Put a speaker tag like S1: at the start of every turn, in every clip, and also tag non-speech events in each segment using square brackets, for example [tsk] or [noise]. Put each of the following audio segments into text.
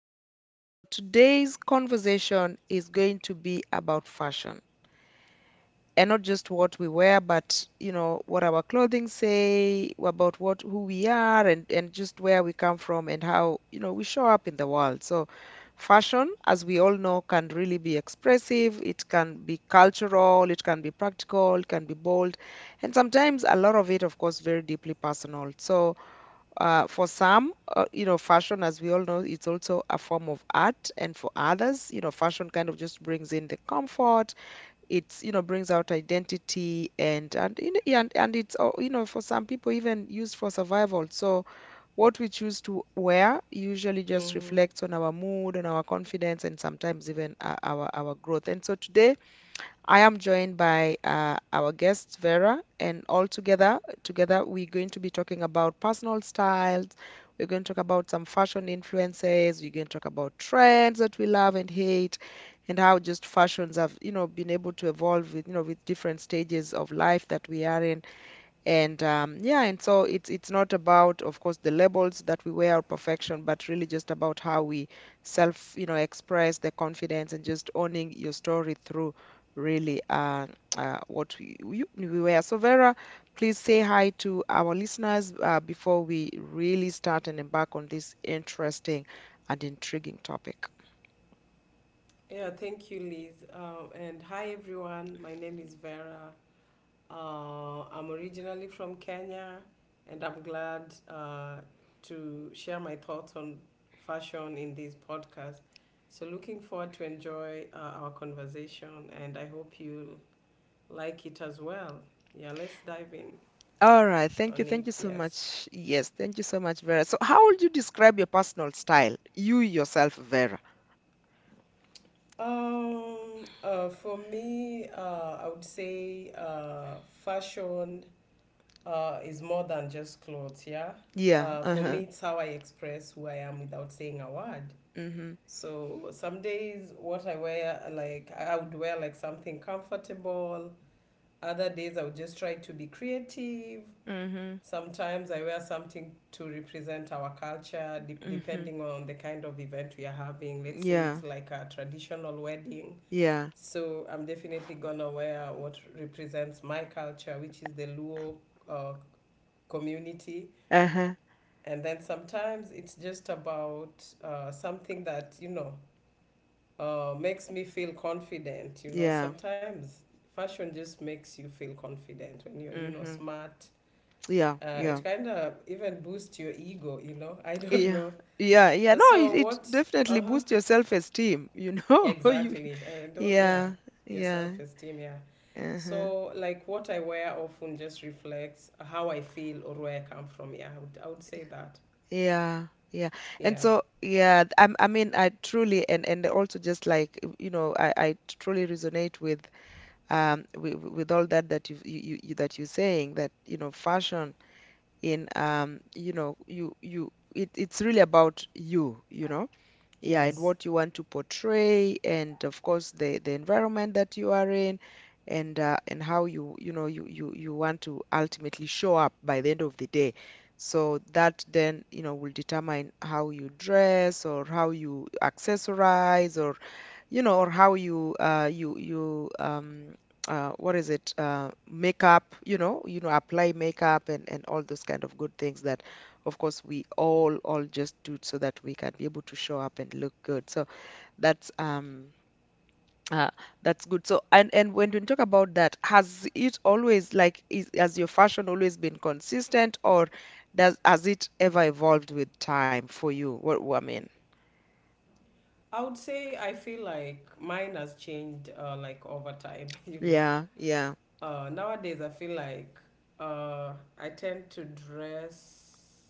S1: podcast. So today's conversation is going to be about fashion, and not just what we wear, but what our clothing say, about what who we are, and just where we come from and how, we show up in the world. So fashion, as we all know, can really be expressive, it can be cultural, it can be practical, it can be bold, and sometimes a lot of it, of course, very deeply personal. So for some, fashion, as we all know, it's also a form of art. And for others, fashion kind of just brings in the comfort. It's, you know, brings out identity and, yeah, and it's for some people even used for survival. So what we choose to wear usually just
S2: Mm-hmm.
S1: reflects on our mood and our confidence and sometimes even our growth. And so today, I am joined by our guest Vera, and together we're going to be talking about personal styles. We're going to talk about some fashion influences. We're going to talk about trends that we love and hate, and how just fashions have, been able to evolve with, with different stages of life that we are in. And yeah, and so it's not about, of course, the labels that we wear or perfection, but really just about how we self, express the confidence and just owning your story through really what we wear. So Vera, please say hi to our listeners before we really start and embark on this interesting and intriguing topic.
S2: Yeah, thank you, Liz. And hi, everyone. My name is Vera. I'm originally from Kenya, and I'm glad to share my thoughts on fashion in this podcast. So, looking forward to enjoy our conversation, and I hope you like it as well. Yeah, let's dive in
S1: All right,
S2: on
S1: thank you
S2: it.
S1: so
S2: Yes.
S1: much. Yes, thank you so much, Vera. So, how would you describe your personal style, you yourself, Vera?
S2: Um. For me, I would say fashion is more than just clothes, yeah?
S1: Yeah,
S2: For me,
S1: uh-huh.
S2: it's how I express who I am without saying a word.
S1: Mhm.
S2: So some days, what I wear, like, I would wear like something comfortable. Other days, I would just try to be creative.
S1: Mhm.
S2: Sometimes I wear something to represent our culture,
S1: Mhm.
S2: depending on the kind of event we are having. Let's say
S1: Yeah.
S2: it's like a traditional wedding.
S1: Yeah.
S2: So I'm definitely gonna wear what represents my culture, which is the Luo uh, community.
S1: Uh-huh.
S2: And then sometimes it's just about something that, you know, makes me feel confident, you know.
S1: Yeah.
S2: Sometimes fashion just makes you feel confident when you're, you know,
S1: Mhm.
S2: smart.
S1: Yeah. Yeah.
S2: It kind of even boosts your ego, you know. [laughs] I don't
S1: Yeah.
S2: know.
S1: Yeah. Yeah. No, it,
S2: So
S1: it
S2: what,
S1: definitely
S2: uh-huh,
S1: boosts your self-esteem, you know. [laughs] You
S2: exactly, and don't, yeah,
S1: yeah.
S2: your
S1: Yeah.
S2: self-esteem, yeah.
S1: Uh-huh.
S2: So like what I wear often just reflects how I feel or where I come from. Yeah, I would say that.
S1: Yeah. Yeah. And
S2: Yeah.
S1: so, yeah, I mean, I truly and also just like, I truly resonate with all that that you're saying that, fashion in you you it's really about you you know yeah, and
S2: Yes,
S1: what you want to portray, and of course the environment that you are in, and how you you know you want to ultimately show up by the end of the day, so that then will determine how you dress or how you accessorize, or or how you what is it, makeup, apply makeup and all those kind of good things that, of course, we all just do so that we can be able to show up and look good. So that's um. Uh, that's good. So, and when we talk about that, has it always like is has your fashion always been consistent, or does has it ever evolved with time for you? What I mean?
S2: I would say I feel like mine has changed like over time, [laughs] you know.
S1: Yeah, yeah.
S2: Nowadays, I feel like I tend to dress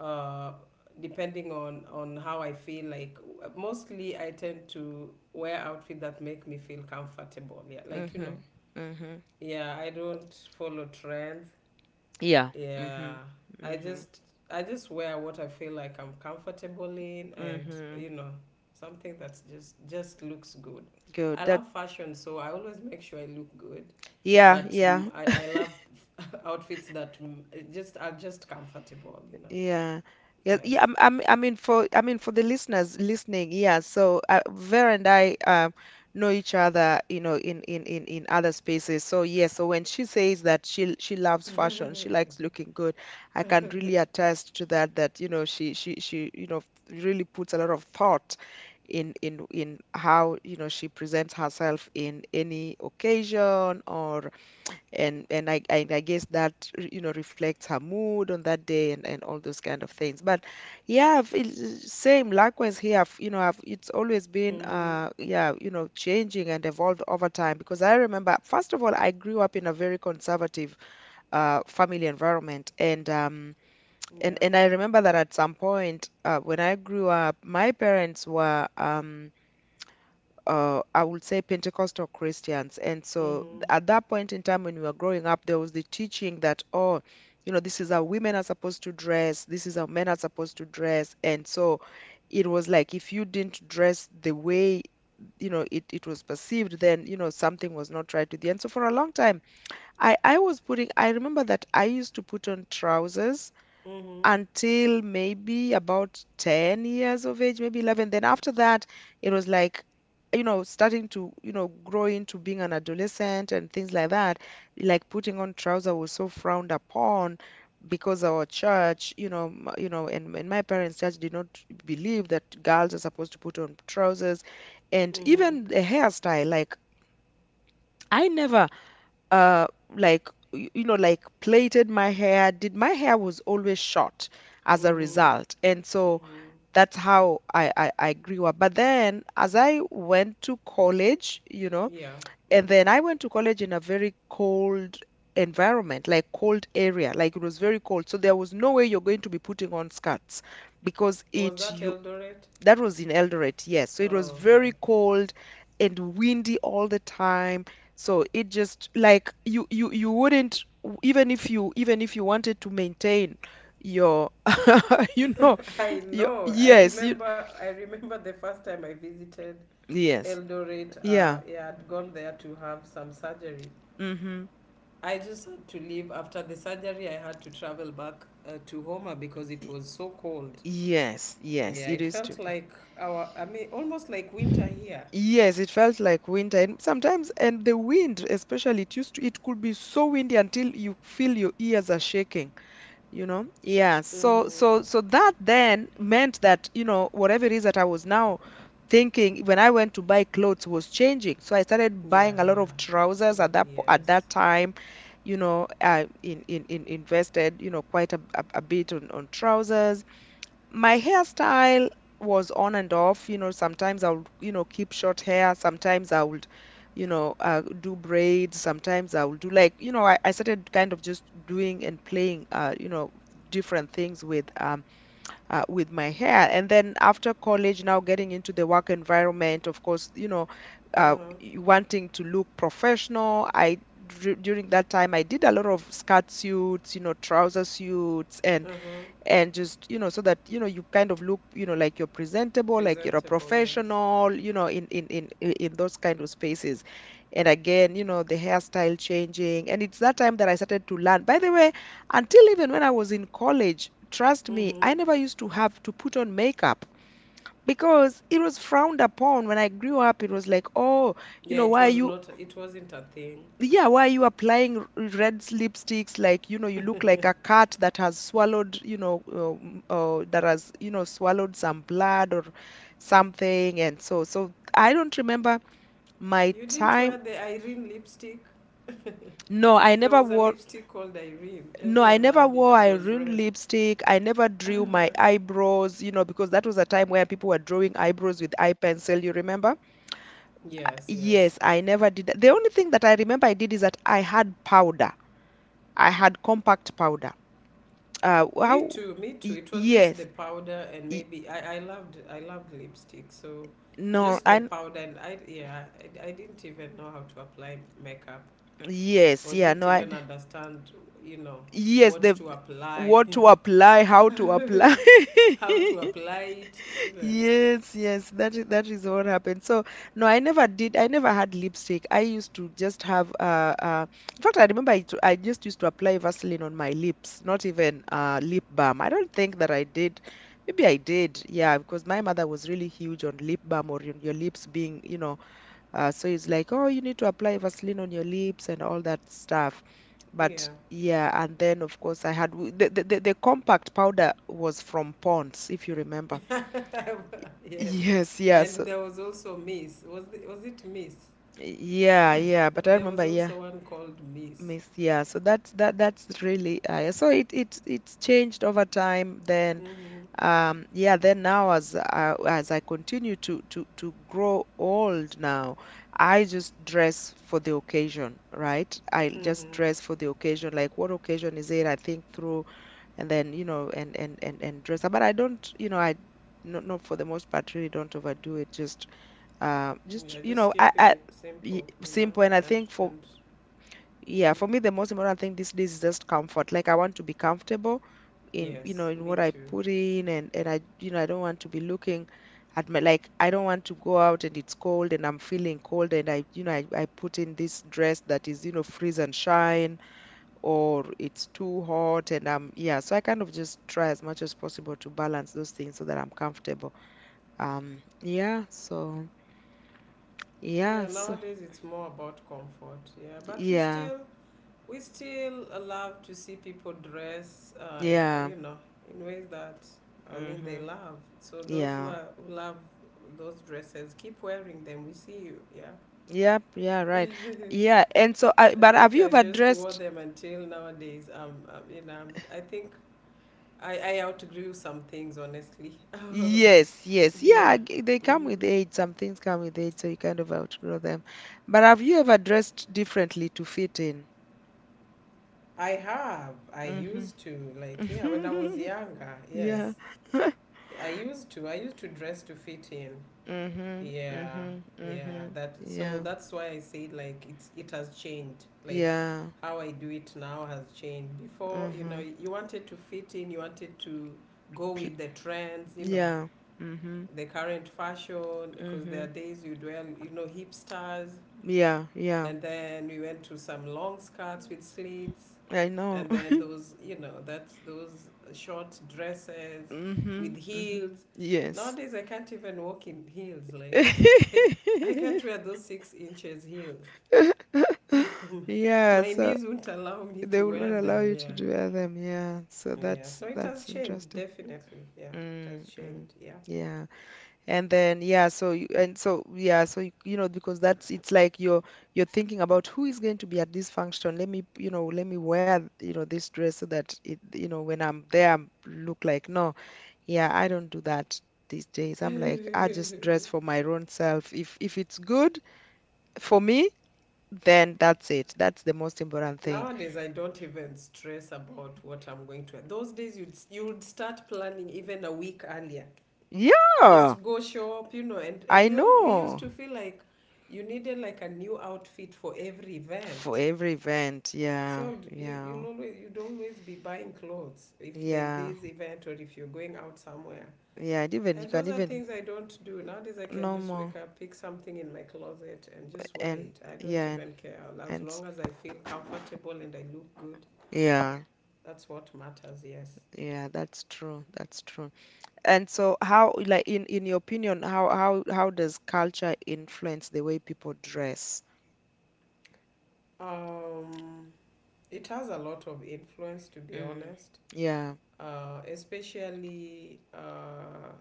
S2: uh, depending on how I feel. Like mostly, I tend to wear outfit that make me feel comfortable. Yeah, like you know.
S1: Mm-hmm. Mm-hmm.
S2: Yeah, I don't follow trends.
S1: Yeah.
S2: Yeah,
S1: Mhm.
S2: I
S1: Mhm.
S2: just I just wear what I feel like I'm comfortable in, and
S1: Mhm.
S2: you know, something that's just looks good.
S1: Good.
S2: I
S1: That
S2: love fashion, so I always make sure I look good.
S1: yeah,
S2: But
S1: yeah,
S2: I love [laughs] outfits that it just are just comfortable, you know.
S1: yeah. Yeah, yeah.
S2: Yes.
S1: I mean for the listeners listening, yeah. So Vera and I know each other, in, in other spaces. So yeah. So when she says that she loves fashion, she likes looking good. I can really attest to that. That she really puts a lot of thought in how she presents herself in any occasion, or and I guess that reflects her mood on that day and all those kind of things. But yeah, it's same likewise here. I've, it's always been
S2: Mhm.
S1: yeah, changing and evolved over time, because I remember first of all I grew up in a very conservative family environment, and
S2: Yeah.
S1: I remember that at some point when I grew up my parents were I would say Pentecostal Christians. And so
S2: Mhm.
S1: at that point in time when we were growing up, there was the teaching that, oh, you know, this is how women are supposed to dress, this is how men are supposed to dress. And so it was like if you didn't dress the way, you know, it was perceived, then, you know, something was not right with you. And so for a long time, I was putting, I remember that I used to put on trousers
S2: Mhm.
S1: until maybe about 10 years of age, maybe 11. Then after that, it was like, you know, starting to, you know, grow into being an adolescent and things like that. Like putting on trousers was so frowned upon because our church, you know, and my parents' church did not believe that girls are supposed to put on trousers, and
S2: Mhm.
S1: even the hairstyle. Like I never uh like you know, like plaited my hair, did my hair, was always short as a
S2: Mhm.
S1: result. And so
S2: Mhm.
S1: that's how I grew up. But then as I went to college, you know,
S2: Yeah.
S1: and
S2: Mhm.
S1: then I went to college in a very cold environment, like cold area, like it was very cold, so there was no way you're going to be putting on skirts because
S2: Was
S1: it
S2: that
S1: you
S2: Eldoret?
S1: that was in Eldoret, yes. So it was
S2: Oh, okay.
S1: very cold and windy all the time. So it just like you wouldn't, even if you, even if you wanted to maintain your [laughs] you know
S2: [laughs] I
S1: your
S2: know.
S1: yes you
S2: I remember the first time I visited
S1: yes
S2: Eldoret.
S1: yeah
S2: Yeah, I'd gone there to have some surgery.
S1: mm-hmm.
S2: I just had to leave after the surgery. I had to travel back to Homer because it was so cold.
S1: Yes, yes,
S2: Yeah,
S1: it
S2: it
S1: used to
S2: felt
S1: be.
S2: like our. I mean, almost like winter here.
S1: Yes, it felt like winter, and sometimes, and the wind, especially, it used to, it could be so windy until you feel your ears are shaking. Yeah,
S2: Mm-hmm.
S1: so that then meant that you know whatever it is that I was now thinking when I went to buy clothes was changing. So I started buying a lot of trousers
S2: Yeah,
S1: at that at that
S2: yes.
S1: time, you know. I in, in, in invested, you know, quite a bit on trousers. My hairstyle was on and off. You know, sometimes I would, you know, keep short hair. Sometimes I would, you know, do braids. Sometimes I would do like, you know, I started kind of just doing and playing, you know, different things with my hair. And then after college, now getting into the work environment, of course, you know,
S2: Uh huh.
S1: wanting to look professional. I during that time I did a lot of skirt suits, you know, trouser suits,
S2: Uh huh.
S1: and just you know, so that you know you kind of look, you know, like you're presentable, like you're a
S2: Presentable, yes.
S1: professional, you know, in those kind of spaces. And again, you know, the hairstyle changing. And it's that time that I started to learn, by the way, until even when I was in college, trust me,
S2: Mm-hmm.
S1: I never used to have to put on makeup because it was frowned upon when I grew up. It was like, oh, you
S2: Yeah,
S1: know,
S2: it
S1: why are
S2: was
S1: you,
S2: not. It wasn't a thing.
S1: yeah, why are you applying red lipsticks? Like, you know, you look like a cat that has swallowed, you know, that has, you know, swallowed some blood or something. And so, so I don't remember my
S2: You didn't
S1: time.
S2: wear the Irene lipstick.
S1: No, I
S2: There
S1: never
S2: was a
S1: wore
S2: lipstick called Irene.
S1: No, I
S2: Everyone
S1: never
S2: loved it.
S1: wore
S2: It
S1: a
S2: was
S1: ruined
S2: red.
S1: lipstick. I never drew my eyebrows, you know, because that was a time where people were drawing eyebrows with eye pencil, you remember?
S2: Yes, yes.
S1: Yes, I never did that. The only thing that I remember I did is that I had powder. I had compact powder.
S2: Me
S1: How?
S2: too. Me too. It was just the
S1: Yes.
S2: powder and
S1: Y-
S2: maybe I loved lipstick. So
S1: No,
S2: just the
S1: and
S2: powder and I, yeah. I didn't even know how to apply makeup
S1: yes,
S2: or
S1: yeah,
S2: didn't
S1: no, I,
S2: even understand, you know,
S1: yes,
S2: what
S1: the
S2: to apply,
S1: what to apply, how to
S2: [laughs]
S1: apply. [laughs]
S2: how to apply it. You know.
S1: Yes, yes, that is what happened. So no, I never did. I never had lipstick. I used to just have in fact, I remember I just used to apply Vaseline on my lips, not even lip balm. I don't think that I did. Maybe I did, yeah, because my mother was really huge on lip balm or on your lips being, you know, so it's like, oh, you need to apply Vaseline on your lips and all that stuff. But
S2: Yeah.
S1: yeah, and then of course I had the compact powder was from Pond's, if you remember.
S2: [laughs] Yes.
S1: Yes, yeah. So
S2: And there was also Miss. Was it Miss?
S1: yeah, yeah. But I
S2: There
S1: remember,
S2: was
S1: yeah,
S2: also one called Miss.
S1: miss, yeah. So that's that's really so it's changed over time. Then
S2: Mm-hmm.
S1: yeah, then now as I continue to grow old now, I just dress for the occasion, right? I just
S2: Mm-hmm.
S1: dress for the occasion. Like what occasion is it? I think through and then and dress up. But I don't, you know, I. Not for the most part, really don't overdo it. Just
S2: Yeah,
S1: you know,
S2: just keeping
S1: I
S2: it
S1: y-
S2: simple, you know.
S1: Simple, and I
S2: And
S1: think for
S2: and
S1: yeah, for me
S2: mhm.
S1: the most important thing these days is just comfort. Like I want to be comfortable in
S2: Yes,
S1: in
S2: me
S1: what I
S2: too.
S1: put in, and I you know I don't want to be looking at my, like I don't want to go out and it's cold and I'm feeling cold and I you know I put in this dress that is freeze and shine, or it's too hot and I'm yeah. So I kind of just try as much as possible to balance those things so that I'm comfortable. Yeah. So yeah.
S2: Yeah,
S1: So
S2: nowadays it's more about comfort. Yeah, but
S1: yeah.
S2: we still allowed to see people dress,
S1: Yeah.
S2: you know, in ways that I mean they
S1: hmm
S2: love. So those
S1: Yeah.
S2: who love those dresses, keep wearing them. We see you. Yeah.
S1: Yep. Yeah.
S2: [laughs]
S1: Right. Yeah.
S2: I
S1: And so, but have
S2: think
S1: you
S2: I
S1: ever
S2: just wore
S1: dressed?
S2: them until nowadays. I mean, I think I outgrew some things, honestly.
S1: Yes. Yes.
S2: [laughs] Yeah.
S1: Yeah. They come
S2: Hmm.
S1: with age. Some things come with age, so you kind of outgrow them. But have you ever dressed differently to fit in?
S2: I have. I
S1: Mm-hmm.
S2: used to, like, yeah, when I was
S1: [laughs]
S2: younger,
S1: Yeah.
S2: yes.
S1: [laughs]
S2: I used to dress to fit in.
S1: Mm-hmm.
S2: Yeah.
S1: Mm-hmm.
S2: Yeah.
S1: Mm-hmm.
S2: That. So
S1: Yeah.
S2: that's why I say, like, it has changed. Like,
S1: Yeah.
S2: how I do it now has changed. Before, you know,
S1: Mm-hmm.
S2: you wanted to fit in, you wanted to go
S1: Pl-
S2: with the trends, you know.
S1: Yeah. Mm-hmm.
S2: The current fashion, because there are
S1: Mm-hmm.
S2: days you'd wear, you know, hipsters.
S1: Yeah. Yeah.
S2: And then we went to some long skirts with slits.
S1: I know.
S2: And then
S1: [laughs]
S2: those, you know, that's those short dresses with
S1: Mm-hmm. Mm-hmm.
S2: heels.
S1: Yes.
S2: Nowadays, I can't even walk in heels. Like, [laughs] like I can't
S1: [laughs]
S2: wear those 6 inches heels. [laughs]
S1: Yeah,
S2: My
S1: so
S2: knees won't allow me to
S1: they will not
S2: wear
S1: allow
S2: them.
S1: you to
S2: Yeah.
S1: do them. Yeah, so
S2: Yeah.
S1: that's
S2: So it has
S1: that's
S2: changed,
S1: interesting.
S2: definitely. Yeah. It has
S1: Mm,
S2: changed.
S1: mm.
S2: Yeah.
S1: Yeah, and then yeah, so you, and so yeah, so you know, because that's it's like you're thinking about who is going to be at this function. Let me let me wear this dress so that it you know when I'm there I'm look like no. Yeah, I don't do that these days. I'm like I just dress for my own self. If it's good for me, then that's it. That's the most important thing.
S2: Nowadays, I don't even stress about what I'm going to wear. Those days, you'd start planning even a week earlier.
S1: Yeah,
S2: Just go show up, you know. And
S1: I
S2: we used
S1: know.
S2: to feel like you needed like a new outfit for every
S1: For
S2: event.
S1: every event,
S2: You'd always be buying clothes if there's
S1: yeah,
S2: this event or if you're going out somewhere.
S1: yeah. And even you
S2: And
S1: can
S2: those are
S1: even
S2: things I don't do nowadays. I can
S1: no
S2: just
S1: more,
S2: wake up, pick something in my closet, and just wear
S1: and
S2: it. I
S1: yeah
S2: don't
S1: and,
S2: even care as
S1: and
S2: long as I feel comfortable and I look good.
S1: yeah,
S2: That's what matters, yes.
S1: yeah. That's true. That's true. And so, how, like, in your opinion, how does culture influence the way people dress?
S2: Um, it has a lot of influence, to be
S1: Mm,
S2: honest,
S1: yeah.
S2: especially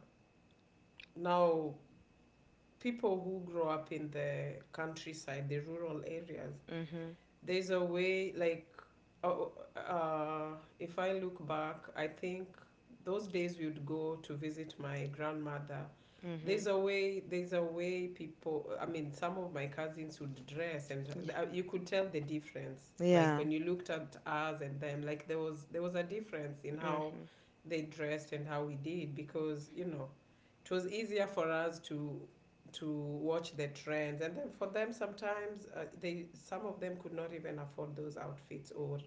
S2: now people who grow up in the countryside, the rural areas.
S1: Mm-hmm.
S2: There's a way, like, oh, if I look back, I think those days we would go to visit my grandmother.
S1: Mm-hmm.
S2: There's a way people, I mean, some of my cousins would dress and
S1: Yeah.
S2: you could tell the difference. Like
S1: Yeah.
S2: when you looked at us and them, like there was a difference in how
S1: Mm-hmm.
S2: they dressed and how we did because, you know, it was easier for us to watch the trends. And then for them sometimes they some of them could not even afford those outfits or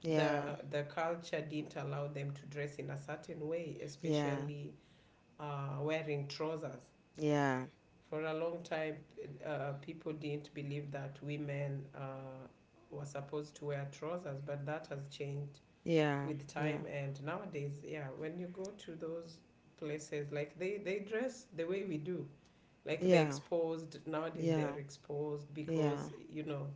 S1: Yeah.
S2: the the culture didn't allow them to dress in a certain way,
S1: Yeah.
S2: especially wearing trousers.
S1: Yeah.
S2: For a long time, people didn't believe that women were supposed to wear trousers, but that has changed
S1: Yeah,
S2: with time.
S1: yeah,
S2: And nowadays, yeah, when you go to those places, like they dress the way we do, like they're
S1: yeah,
S2: exposed. Nowadays
S1: yeah,
S2: they're exposed
S1: yeah,
S2: because, you know,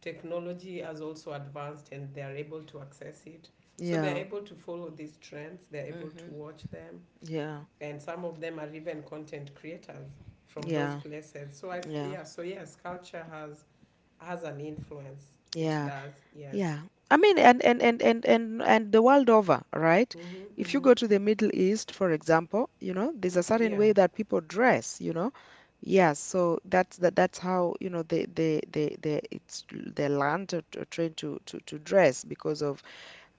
S2: technology has also advanced and they're able to access it, so they're
S1: yeah.
S2: able to follow these trends, they're able to
S1: Mhm.
S2: watch them.
S1: Yeah,
S2: And some of them are even content creators from those
S1: yeah,
S2: places. So I have,
S1: yeah,
S2: yeah. So yes, culture has an influence. It
S1: yeah,
S2: does. Yes.
S1: yeah. I mean, and the world over, right?
S2: Mhm.
S1: If you
S2: Mhm.
S1: go to the Middle East, for example, you know, there's a
S2: Yeah,
S1: certain
S2: yeah.
S1: way that people dress, you know. Yeah, so that's how, you know, they it's their land are trained to dress because of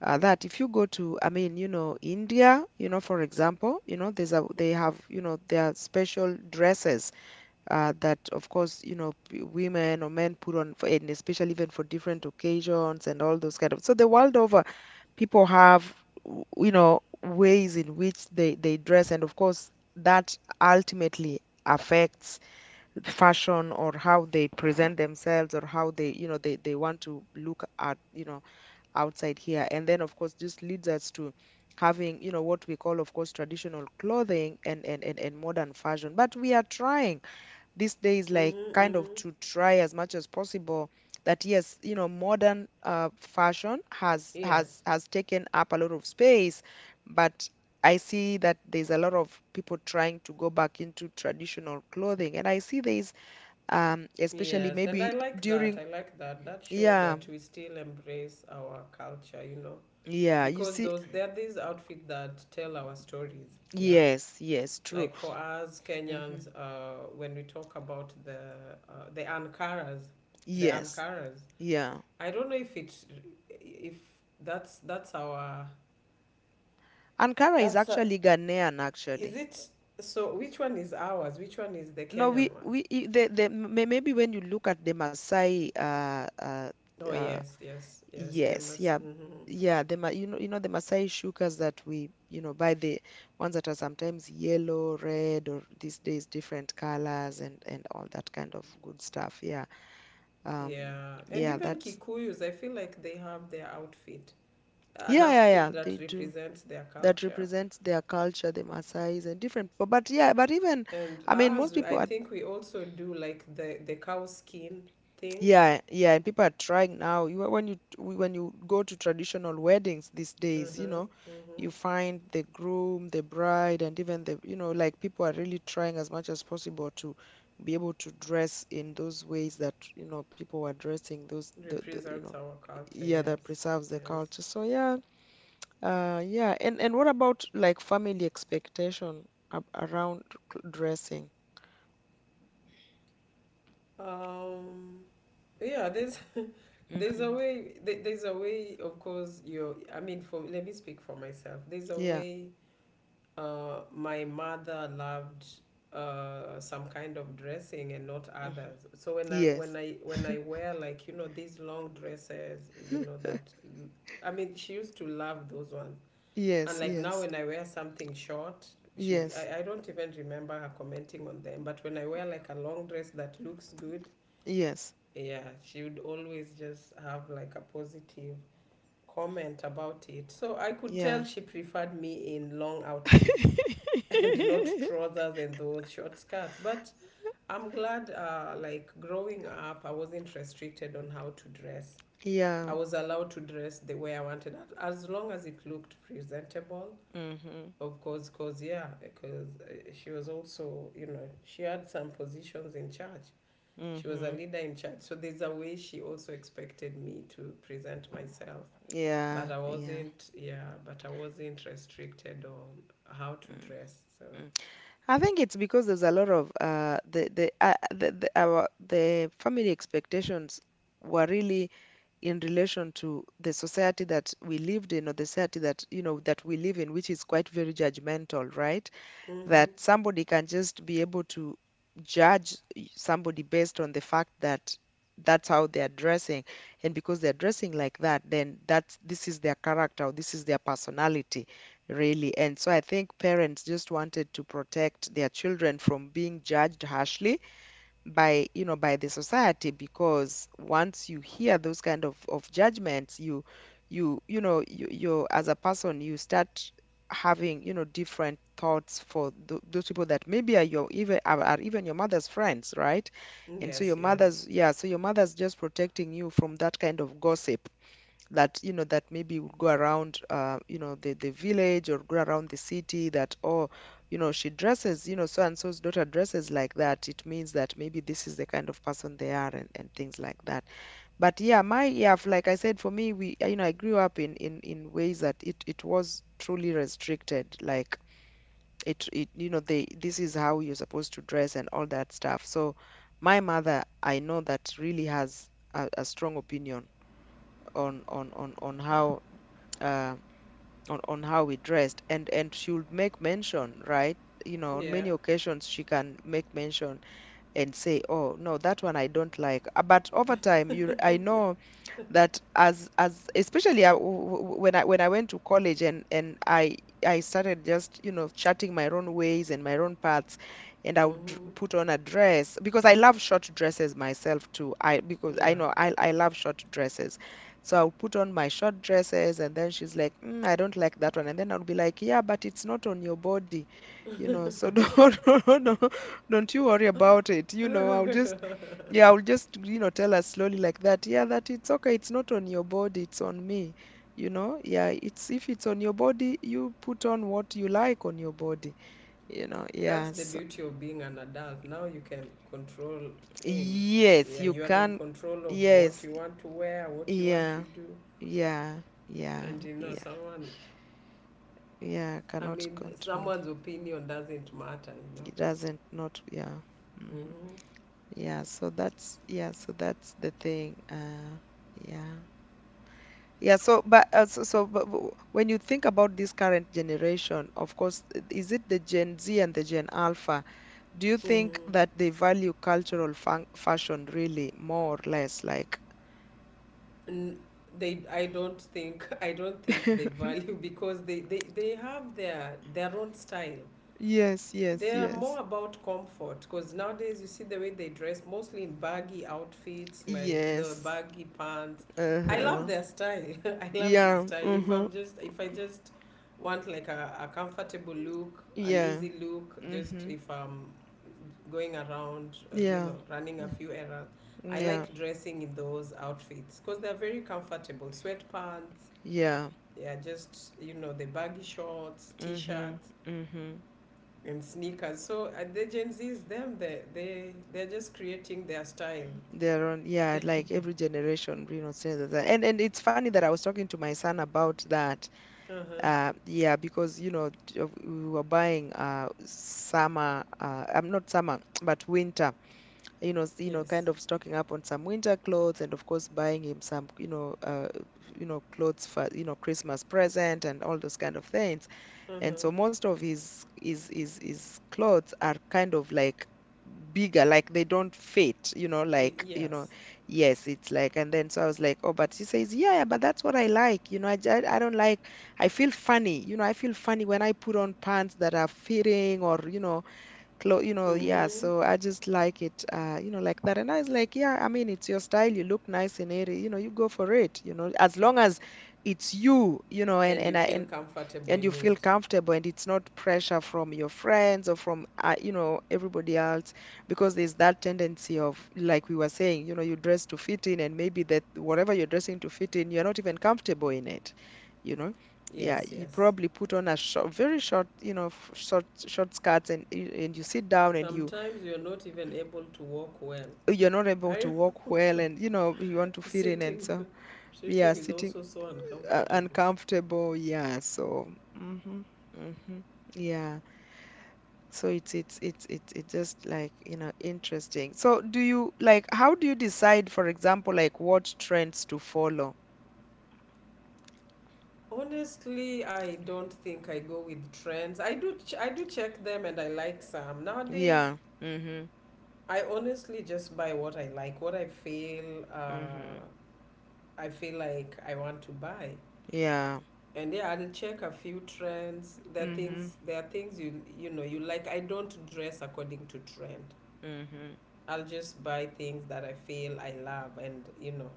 S1: that if you go to, I mean, you know, India, you know, for example, you know, there's a, they have, you know, their special dresses that, of course, you know, women or men put on, for, and especially even for different occasions and all those kind of. So the world over, people have, you know, ways in which they dress, and of course, that ultimately affects fashion or how they present themselves or how they, you know, they want to look at, you know, outside here. And then, of course, this leads us to having, you know, what we call, of course, traditional clothing and modern fashion. But we are trying these days, like,
S2: Mhm.
S1: kind of to
S2: Mhm.
S1: try as much as possible that yes, you know, modern fashion has
S2: Yes.
S1: has has taken up a lot of space, but I see that there's a lot of people trying to go back into traditional clothing, and I see there's especially
S2: Yes, and I
S1: maybe
S2: like that.
S1: during
S2: I like that. That shows
S1: yeah,
S2: that we still embrace our culture, you know,
S1: yeah, you
S2: because
S1: see,
S2: those there are these outfits that tell our stories. Yeah,
S1: yes, yes, true,
S2: like for us Kenyans,
S1: hmm.
S2: when we talk about the ankaras, the
S1: Yes.
S2: ankaras.
S1: Yeah.
S2: I don't know if it's if that's our
S1: Ankara is
S2: that's a,
S1: actually Ghanaian,
S2: is
S1: actually.
S2: it, so which one is ours? Which one is the
S1: No,
S2: Kenyan one?
S1: the maybe when you look at the Maasai,
S2: Oh
S1: uh,
S2: yes, yes, yes. They
S1: yes, yeah,
S2: must. Mhm.
S1: yeah. The you know, you know the Maasai shukas that we, you know, buy, the ones that are sometimes yellow, red, or these days different colors and all that kind of good stuff. Yeah. Um.
S2: Yeah, and
S1: Yeah.
S2: even
S1: That's
S2: Kikuyus, I feel like they have their outfit, an
S1: yeah yeah
S2: outfit
S1: yeah.
S2: that
S1: They do.
S2: represents their
S1: That
S2: culture.
S1: represents their culture, the Maasais and different people. But yeah, but even
S2: And
S1: I mean,
S2: ours,
S1: most
S2: I
S1: people are
S2: think we also do like the cow skin thing.
S1: yeah, yeah, and people are trying now. You, when you go to traditional weddings these days, you
S2: Mm-hmm,
S1: know,
S2: mm-hmm.
S1: you find the groom, the bride, and even the, you know, like people are really trying as much as possible to be able to dress in those ways that, you know, people were dressing those, the you know,
S2: Represents our culture.
S1: yeah, that
S2: Yes,
S1: preserves the
S2: yes.
S1: culture. So yeah. Yeah, and what about like family expectation ab around dressing?
S2: Um, yeah. There's [laughs]
S1: Mm-hmm.
S2: There's a way. Of course, you. I mean, for let me speak for myself. There's a
S1: Yeah.
S2: way my mother loved some kind of dressing and not
S1: Mm-hmm.
S2: others. So when I
S1: Yes.
S2: when I when I wear like, you know, these long dresses, you know
S1: [laughs]
S2: that I mean she used to love those ones.
S1: Yes.
S2: And like now
S1: Yes.
S2: when I wear something short, she
S1: Yes.
S2: I don't even remember her commenting on them. But when I wear like a long dress that looks good,
S1: Yes.
S2: yeah, she would always just have like a positive comment about it. So I could
S1: Yeah.
S2: tell she preferred me in long outfits.
S1: [laughs]
S2: [laughs] And not trousers and those short skirts. But I'm glad, like growing up, I wasn't restricted on how to dress. I
S1: Yeah.
S2: was allowed to dress the way I wanted, as long as it looked presentable.
S1: Mm-hmm.
S2: Of course, because she was also, you know, she had some positions in church. She was a
S1: Mm-hmm.
S2: leader in church, so there's a way she also expected me to present myself.
S1: Yeah.
S2: But I
S1: Yeah.
S2: wasn't, yeah, but I wasn't restricted on how to
S1: mm
S2: dress. So.
S1: I think it's because there's a lot of the our the family expectations were really in relation to the society that we lived in, or the society that, you know, that we live in, which is quite very judgmental, right?
S2: Hmm.
S1: That somebody can just be able to judge somebody based on the fact that that's how they're dressing, and because they're dressing like that then that's this is their character or this is their personality, really. And so I think parents just wanted to protect their children from being judged harshly by, you know, by the society, because once you hear those kind of judgments you you know you, you as a person you start having, you know, different thoughts for those people that maybe are your even are even your mother's friends, right? And so
S2: Yes,
S1: your
S2: yes.
S1: mother's yeah, so your mother's just protecting you from that kind of gossip that, you know, that maybe would go around you know, the village or go around the city, that, oh, you know, she dresses, you know, so and so's daughter dresses like that, it means that maybe this is the kind of person they are, and things like that. But yeah, my yeah, like I said, for me, we, you know, I grew up in in ways that it, was truly restricted like it you know, they, this is how you're supposed to dress and all that stuff, so my mother, I know that, really has a strong opinion on how uh, on how we dressed, and she would make mention, right? You know, on
S2: Yeah.
S1: many occasions she can make mention and say, "Oh no, that one I don't like." But over time, you, I know that as, especially I, when I, when I went to college, and I started just, you know, charting my own ways and my own paths, and I would
S2: Mm-hmm.
S1: put on a dress because I love short dresses myself too, I because I
S2: Yeah.
S1: know I love short dresses, so I'll put on my short dresses and then she's like mm, I don't like that one, and then I would be like yeah, but it's not on your body, you know, so [laughs] don't [laughs] don't, don't you worry about it, you know, I'll just yeah, I'll just, you know, tell her slowly like that. Yeah, that it's okay. It's not on your body, it's on me. You know, yeah, it's if it's on your body, you put on what you like on your body. You know,
S2: That's the
S1: yes.
S2: beauty of being an adult. Now you can control things.
S1: Yes,
S2: Yeah,
S1: you
S2: you are in
S1: can.
S2: control of what
S1: Yes.
S2: you want to wear, what you want
S1: Yeah.
S2: to do.
S1: Yeah. Yeah.
S2: And you know,
S1: Yeah.
S2: someone,
S1: Yeah,
S2: I
S1: cannot
S2: mean,
S1: control you.
S2: someone's opinion doesn't matter, you
S1: It doesn't not, yeah. Hmm.
S2: know.
S1: Yeah, so that's the thing. Yeah. Yeah, so but when you think about this current generation, of course, is it the Gen Z and the Gen Alpha? Do you
S2: Mm-hmm.
S1: think
S2: Mm-hmm.
S1: that they value cultural fun fashion really more or less like?
S2: N- they I don't think, [laughs] I don't think they
S1: [laughs]
S2: value, [laughs] because they have their own style.
S1: Yes,
S2: They
S1: yes,
S2: are more
S1: yes.
S2: about comfort because nowadays you see the way they dress, mostly in baggy outfits, like the
S1: Yes.
S2: baggy pants. I love
S1: Uh-huh.
S2: their style. [laughs] I love their
S1: Yeah.
S2: style. If
S1: Mm-hmm.
S2: I'm just, if I just want like a comfortable look, an
S1: Yeah.
S2: easy look, just
S1: Mm-hmm.
S2: if I'm going around,
S1: Yeah.
S2: running a few errands, I
S1: Yeah.
S2: like dressing in those outfits because they're very comfortable. Sweatpants,
S1: Yeah.
S2: yeah, just, the baggy shorts, t
S1: Mm-hmm.
S2: shirts
S1: Mm-hmm.
S2: and sneakers. So the Gen Zs, them, they're just creating their style.
S1: They're on, yeah, like every generation, you know, says that. And it's funny that I was talking to my son about that.
S2: Uh huh.
S1: Yeah, because you know we were buying summer, I'm not summer, [tsk] but winter. You know,
S2: Yes.
S1: kind of stocking up on some winter clothes, and of course buying him some, clothes for, Christmas present and all those kind of things,
S2: Uh
S1: and
S2: huh.
S1: so most of his clothes are kind of like bigger, like they don't fit, you know
S2: Y-
S1: like you know
S2: Yes.
S1: Yes, it's like. And then so I was like, oh, but he says, yeah, yeah, but that's what I like, you know. I don't like, I feel funny, you know, I feel funny when I put on pants that are fitting or you know. Yeah,
S2: Mm-hmm.
S1: so I just like it, you know, like that. And I was like, yeah, I mean, it's your style, you look nice in it, you know, you go for it, you know, as long as it's you, you know. and
S2: And you
S1: and I
S2: feel
S1: and
S2: comfortable
S1: and you
S2: in
S1: feel
S2: it.
S1: comfortable, and it's not pressure from your friends or from, you know, everybody else, because there's that tendency of, like we were saying, you know, you dress to fit in, and maybe that whatever you're dressing to fit in, you're not even comfortable in it, you know. Yeah,
S2: Yes.
S1: you
S2: Yes.
S1: probably put on a short, very short, you know, short, short skirts, and you sit down and you,
S2: Sometimes you're not even able to walk well.
S1: you're not able to
S2: I
S1: walk well, and you know, you want to
S2: [laughs]
S1: fit in. And
S2: sitting
S1: so yeah,
S2: sitting is
S1: sitting,
S2: also so uncomfortable.
S1: uncomfortable, yeah. So mhm, mhm, yeah. So it's just like, you know, interesting. So do you like, how do you decide, for example, like what trends to follow?
S2: Honestly, I don't think I go with trends. I do check them and I like some. Nowadays,
S1: Yeah, Mm-hmm.
S2: I honestly just buy what I like, what
S1: Mm-hmm.
S2: I feel like I want to buy.
S1: Yeah.
S2: And yeah, I'll check a few trends.
S1: Mm-hmm.
S2: There are things you you know you like. I don't dress according to trend.
S1: Mm-hmm.
S2: I'll just buy things that I feel I love and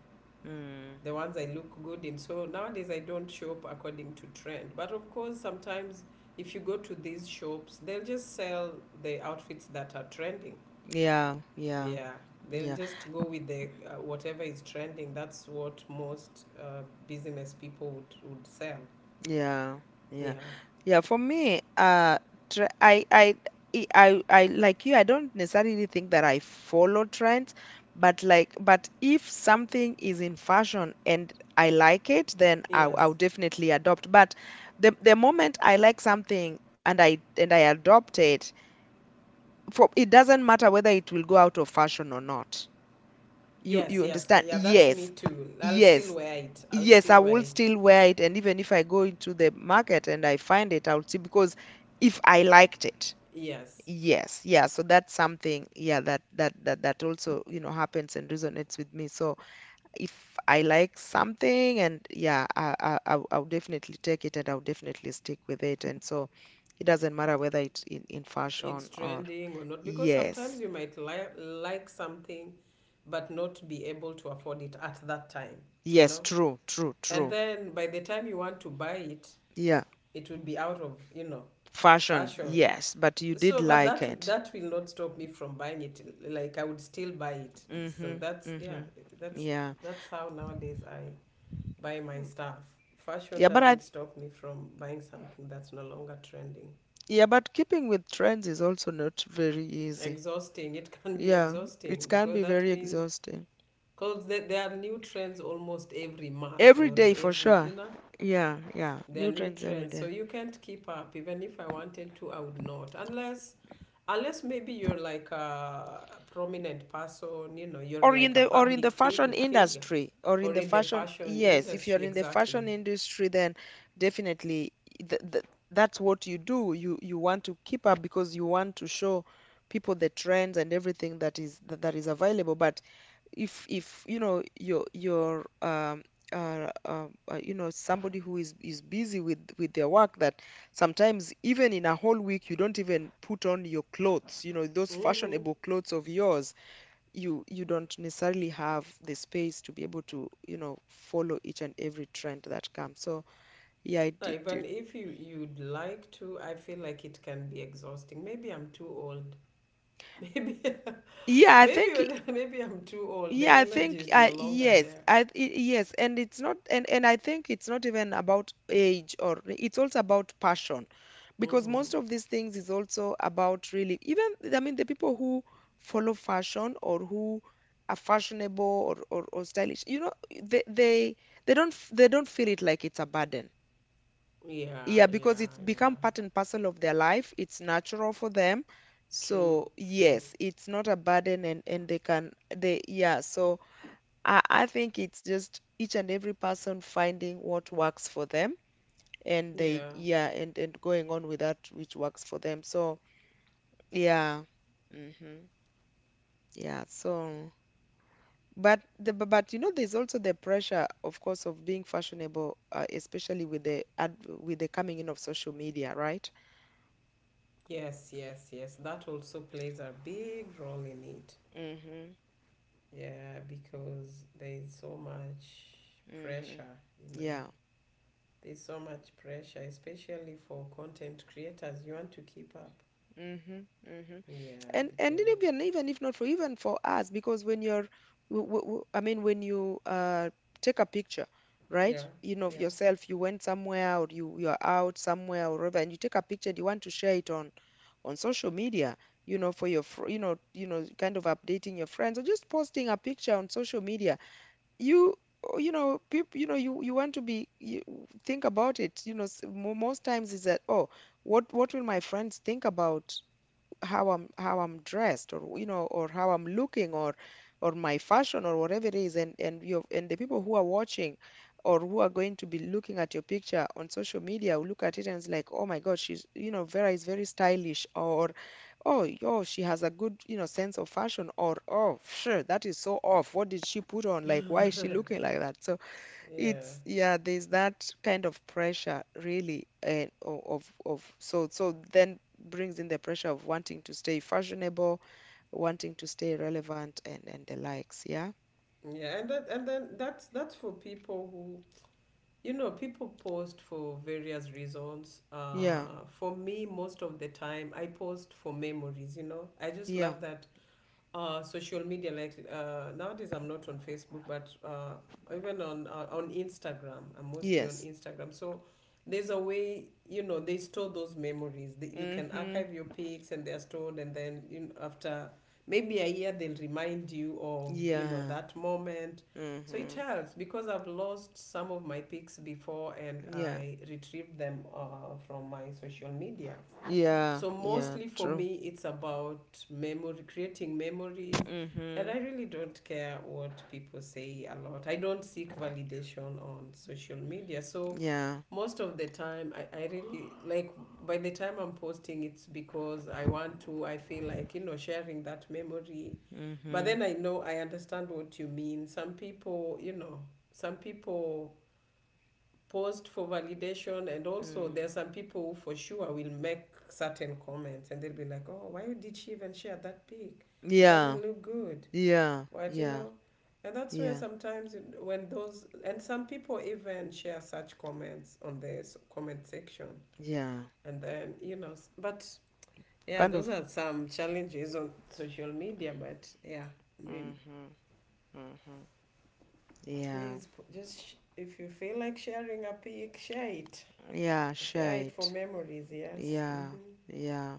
S1: Mm.
S2: the ones I look good in. So nowadays I don't shop according to trend. But of course sometimes if you go to these shops, they'll just sell the outfits that are trending.
S1: Yeah, yeah,
S2: Yeah, they'll
S1: yeah.
S2: just go with the whatever is trending. That's what most business people would sell.
S1: Yeah, yeah,
S2: Yeah.
S1: yeah. For me, tr I- like you, I don't necessarily think that I follow trends, but like, but if something is in fashion and I like it, then I'll
S2: Yes.
S1: definitely adopt. But the moment I like something, and I adopt it, for it doesn't matter whether it will go out of fashion or not. You
S2: Yes,
S1: you
S2: yes.
S1: understand?
S2: Yeah, that's me
S1: Yes.
S2: too. I'll still
S1: Yes,
S2: wear it. I'll
S1: yes, I
S2: still wear
S1: will
S2: it.
S1: still wear it, and even if I go into the market and I find it, I'll see, because if I liked it.
S2: Yes.
S1: Yes, yeah. So that's something, yeah, that that also, you know, happens and resonates with me. So if I like something, and yeah, I'll I'll definitely take it, and I'll definitely stick with it. And so it doesn't matter whether it's in
S2: It's
S1: fashion or,
S2: trending or not because sometimes
S1: yes.
S2: you might like something but not be able to afford it at that time, you
S1: Yes,
S2: know?
S1: true, true,
S2: And
S1: true.
S2: then by the time you want to buy it,
S1: Yeah.
S2: it would be out of, you know,
S1: Fashion,
S2: fashion.
S1: yes, but you
S2: So,
S1: did
S2: but
S1: like
S2: that
S1: it.
S2: that will not stop me from buying it. Like I would still buy it. So
S1: Mm-hmm.
S2: that's yeah,
S1: Mm-hmm.
S2: that's
S1: Yeah.
S2: that's how nowadays I buy my stuff.
S1: Yeah,
S2: Fashion
S1: but I
S2: doesn't stop me from buying something that's no longer trending.
S1: yeah, but keeping with trends is also not very easy.
S2: Exhausting. It [laughs] can be
S1: Yeah, it
S2: exhausting
S1: can be
S2: because that
S1: very
S2: means
S1: exhausting.
S2: because there are new trends almost every month
S1: Every
S2: or
S1: day for
S2: every
S1: sure. Yeah, yeah.
S2: there are
S1: New
S2: new
S1: trends every
S2: trends. So
S1: day.
S2: you can't keep up. Even if I wanted to, I would not unless maybe you're like a prominent person, you know, you're
S1: Or in
S2: like a
S1: the, or in the
S2: public
S1: fashion
S2: figure
S1: industry, or in
S2: or
S1: the
S2: in the
S1: fashion,
S2: fashion
S1: yes, if
S2: industry,
S1: you're in the
S2: exactly.
S1: fashion industry, then definitely, th th that's what you do. You want to keep up because you want to show people the trends and everything that is that, that is available. But if you know, you know, somebody who is busy with their work, that sometimes even in a whole week you don't even put on your clothes, you know, those
S2: Mm-hmm.
S1: fashionable clothes of yours, you don't necessarily have the space to be able to, you know, follow each and every trend that comes. So yeah, it, it,
S2: Even
S1: it
S2: if you, you'd like to, I feel like it can be exhausting. Maybe I'm too old. [laughs] Maybe,
S1: Yeah, I think,
S2: [laughs] maybe I'm too old. The
S1: yeah, I
S2: energy
S1: think,
S2: is no longer there.
S1: yes, and it's not, and I think it's not even about age, or it's also about passion, because
S2: Mm-hmm.
S1: most of these things is also about, really, even I mean, the people who follow fashion, or who are fashionable or or stylish, you know, they they they don't feel it like it's a burden.
S2: Yeah,
S1: Yeah, because
S2: yeah,
S1: it's become
S2: yeah.
S1: part and parcel of their life. It's natural for them.
S2: True,
S1: So
S2: true.
S1: yes, it's not a burden, and they can they, yeah, so. I think it's just each and every person finding what works for them, and they,
S2: Yeah.
S1: yeah, and going on with that which works for them. So yeah. Mm-hmm. Yeah, so but but you know, there's also the pressure, of course, of being fashionable, especially with the with the coming in of social media, right?
S2: Yes, yes, yes. That also plays a big role in it.
S1: Mm-hmm.
S2: Yeah, because there's so much
S1: Mm-hmm.
S2: pressure, you know.
S1: Yeah.
S2: There's so much pressure, especially for content creators. You want to keep up.
S1: Mm-hmm. Mm-hmm.
S2: Yeah,
S1: And then,
S2: because
S1: even even if not for, even for us, because when you're, I mean, when you, take a picture, right?
S2: yeah,
S1: You know, of
S2: yeah,
S1: yourself, you went somewhere or you, you're out somewhere or whatever, and you take a picture and you want to share it on social media, you know, for your, you know, kind of updating your friends, or just posting a picture on social media. You, oh, you know, people, you know, you want to be, you think about it. You know, most times is that, oh, what will my friends think about, how I'm dressed, or you know, or how I'm looking, or my fashion, or whatever it is. And you, and the people who are watching, or who are going to be looking at your picture on social media, will look at it, and it's like, oh my god, she's, you know, Vera is very stylish, or oh yo, she has a good, you know, sense of fashion, or oh sure, that is so off, what did she put on, like why is she looking like that. So
S2: yeah,
S1: it's, yeah, there's that kind of pressure really, and of, so so, then brings in the pressure of wanting to stay fashionable, wanting to stay relevant, and the likes. Yeah.
S2: yeah, and that and then that's for people who people post for various reasons.
S1: Yeah.
S2: For me, most of the time I post for memories. You know, I just
S1: Yeah.
S2: love that social media like nowadays I'm not on Facebook but even on Instagram I'm mostly on
S1: Yes.
S2: Instagram so there's a way you know they store those memories that you can
S1: Mhm.
S2: archive your pics and they're stored and then you know, after maybe a year they'll remind you of you know
S1: Yeah.
S2: that moment so it
S1: Mhm.
S2: helps because I've lost some of my pics before and
S1: Yeah.
S2: I retrieved them from my social media
S1: Yeah.
S2: so
S1: Yeah,
S2: mostly for
S1: true.
S2: me, it's about memory, creating memories. And
S1: Mhm.
S2: I really don't care what people say a lot. I don't seek validation on social media. So
S1: Yeah.
S2: most of the time, I really like by the time I'm posting, it's because I want to, I feel like, you know, sharing that memory. But
S1: Mhm.
S2: then I know I understand what you mean. Some people, you know, some people posed for validation and also
S1: Mm.
S2: there are some people who for sure will make certain comments and they'll be like oh why did she even share that pic she
S1: Yeah.
S2: doesn't look good
S1: Yeah.
S2: what you
S1: Yeah.
S2: know and that's where
S1: Yeah.
S2: sometimes when those and some people even share such comments on the comment section
S1: Yeah.
S2: and then you know but yeah
S1: Kind
S2: those
S1: of.
S2: are some challenges on social media but yeah I mean
S1: Mhm. Mhm. Yeah.
S2: please if you feel like sharing a pic share it.
S1: Yeah,
S2: Share
S1: share
S2: it for
S1: it.
S2: memories, yes.
S1: Yeah,
S2: Mm-hmm.
S1: yeah.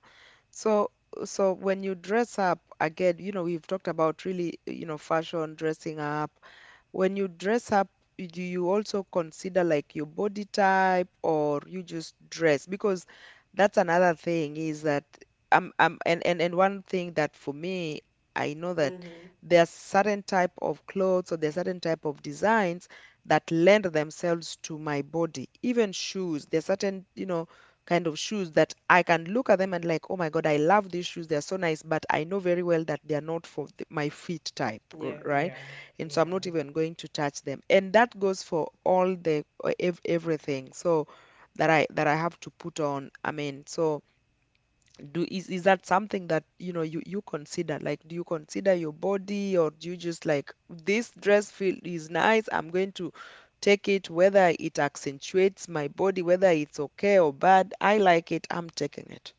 S1: So, so when you dress up again, you know, we've talked about, really, you know, fashion, dressing up, when you dress up, do you also consider like your body type, or you just dress? Because that's another thing, is that, and one thing that for me, I know that
S2: Mm-hmm.
S1: there are certain type of clothes, or there are certain type of designs that lend themselves to my body. Even shoes, there are certain, you know, kind of shoes that I can look at them and like, oh my God, I love these shoes, they're so nice. But I know very well that they are not for my feet type,
S2: Yeah,
S1: right?
S2: yeah,
S1: And so
S2: yeah.
S1: I'm not even going to touch them. And that goes for all the, everything. So that, I have to put on. I mean, so do, is that something that you know, you consider? Like, do you consider your body, or do you just like, this dress feel is nice, I'm going to take it, whether it accentuates my body, whether it's okay or bad, I like it, I'm taking it.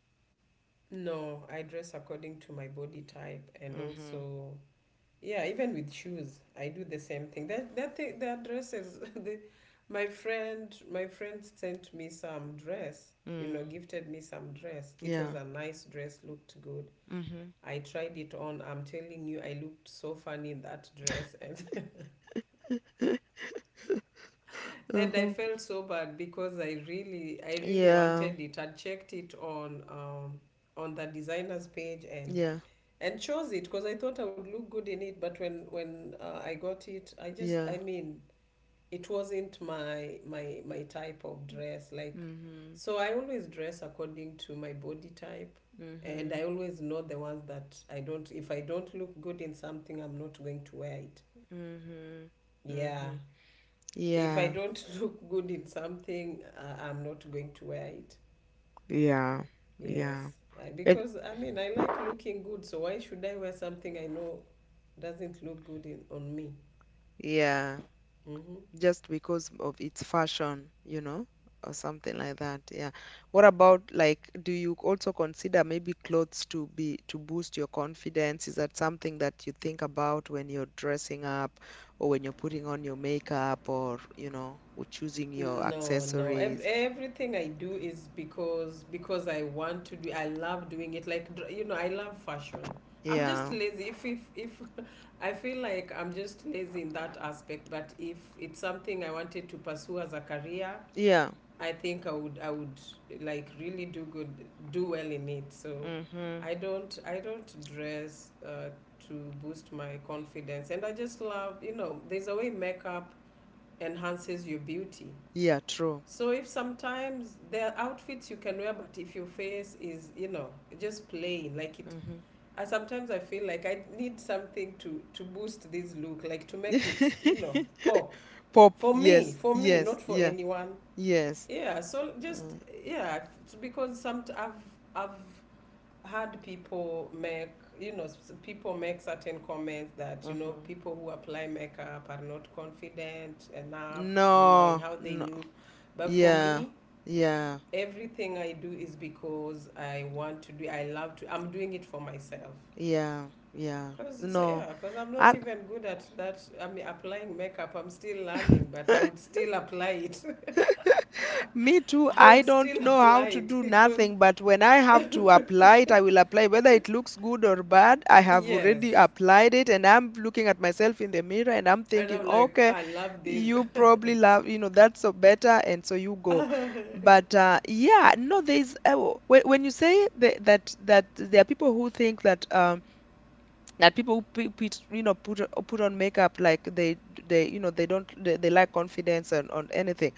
S2: No, I dress according to my body type and
S1: Mm-hmm.
S2: also yeah, even with shoes, I do the same thing. That that thing, that dresses [laughs] the my friend sent me some dress, you know,
S1: Mm.
S2: gifted me some dress. It
S1: Yeah.
S2: was a nice dress, looked good.
S1: Mm-hmm.
S2: I tried it on. I'm telling you, I looked so funny in that dress [laughs] and
S1: [laughs]
S2: And I
S1: Mm-hmm.
S2: felt so bad because I really
S1: Yeah.
S2: wanted it. I checked it on the designer's page
S1: Yeah.
S2: and chose it because I thought I would look good in it. But when I got it,
S1: Yeah.
S2: I mean, it wasn't my type of dress. Like,
S1: Mm-hmm.
S2: so I always dress according to my body type, and
S1: Mm-hmm.
S2: I always know the ones that I don't. If I don't look good in something, I'm not going to wear it.
S1: Mm-hmm.
S2: Yeah.
S1: Mm-hmm.
S2: If I
S1: Yeah,
S2: don't [laughs] look good in something, I'm not going to wear it.
S1: yeah, yeah.
S2: Yes. I,
S1: It,
S2: because I mean, I like looking good, so why should I wear something I know doesn't look good in, on me?
S1: yeah,
S2: Hmm.
S1: just because of its fashion, you know, or something like that. Yeah. What about, like, do you also consider maybe clothes to be, to boost your confidence? Is that something that you think about when you're dressing up, or when you're putting on your makeup, or, you know, or choosing your
S2: No, no.
S1: accessories?
S2: Everything I do is because I want to do. I love doing it. You know, I love fashion. I'm just
S1: Yeah,
S2: lazy. If I feel like I'm just lazy in that aspect, but if it's something I wanted to pursue as a career,
S1: yeah.
S2: I think I would like really do good do well in it. So
S1: Mm-hmm.
S2: I don't dress to boost my confidence, and I just love you know there's a way makeup enhances your beauty.
S1: Yeah, true.
S2: So if sometimes there are outfits you can wear, but if your face is you know just plain like it. I sometimes I feel like I need something to boost this look, like to make it you know
S1: [laughs]
S2: pop
S1: Pop, yes,
S2: for me,
S1: yes,
S2: not for
S1: yeah,
S2: anyone
S1: yes.
S2: yeah so just
S1: Uh,
S2: yeah it's because some I've i've had people make you know people make certain comments that you know
S1: hmm.
S2: people who apply makeup are not confident enough you know in
S1: No,
S2: how they
S1: no,
S2: look but for
S1: yeah,
S2: me
S1: yeah,
S2: everything I do is because I want to do I love to I'm doing it for myself
S1: yeah, yeah.
S2: because so
S1: No,
S2: yeah because I'm
S1: I,
S2: not even good at that I mean applying makeup I'm still learning but I
S1: [laughs]
S2: would still apply it
S1: me too.
S2: [laughs] I
S1: I
S2: would
S1: don't
S2: still
S1: know how
S2: apply
S1: to
S2: it [laughs]
S1: do
S2: because
S1: nothing, but when I have to apply it, I will apply. Whether it looks good or bad, I have already
S2: Yes.
S1: applied it, and I'm looking at myself in the mirror, and I'm
S2: And
S1: thinking,
S2: I'm like,
S1: okay,
S2: I love this.
S1: you probably love, you know, that's so better, and so you go.
S2: [laughs]
S1: But yeah, no, there's when you say the, that, that there are people who think that, that people who pe- put, you know put put on makeup, like they, you know, they don't they lack confidence on anything.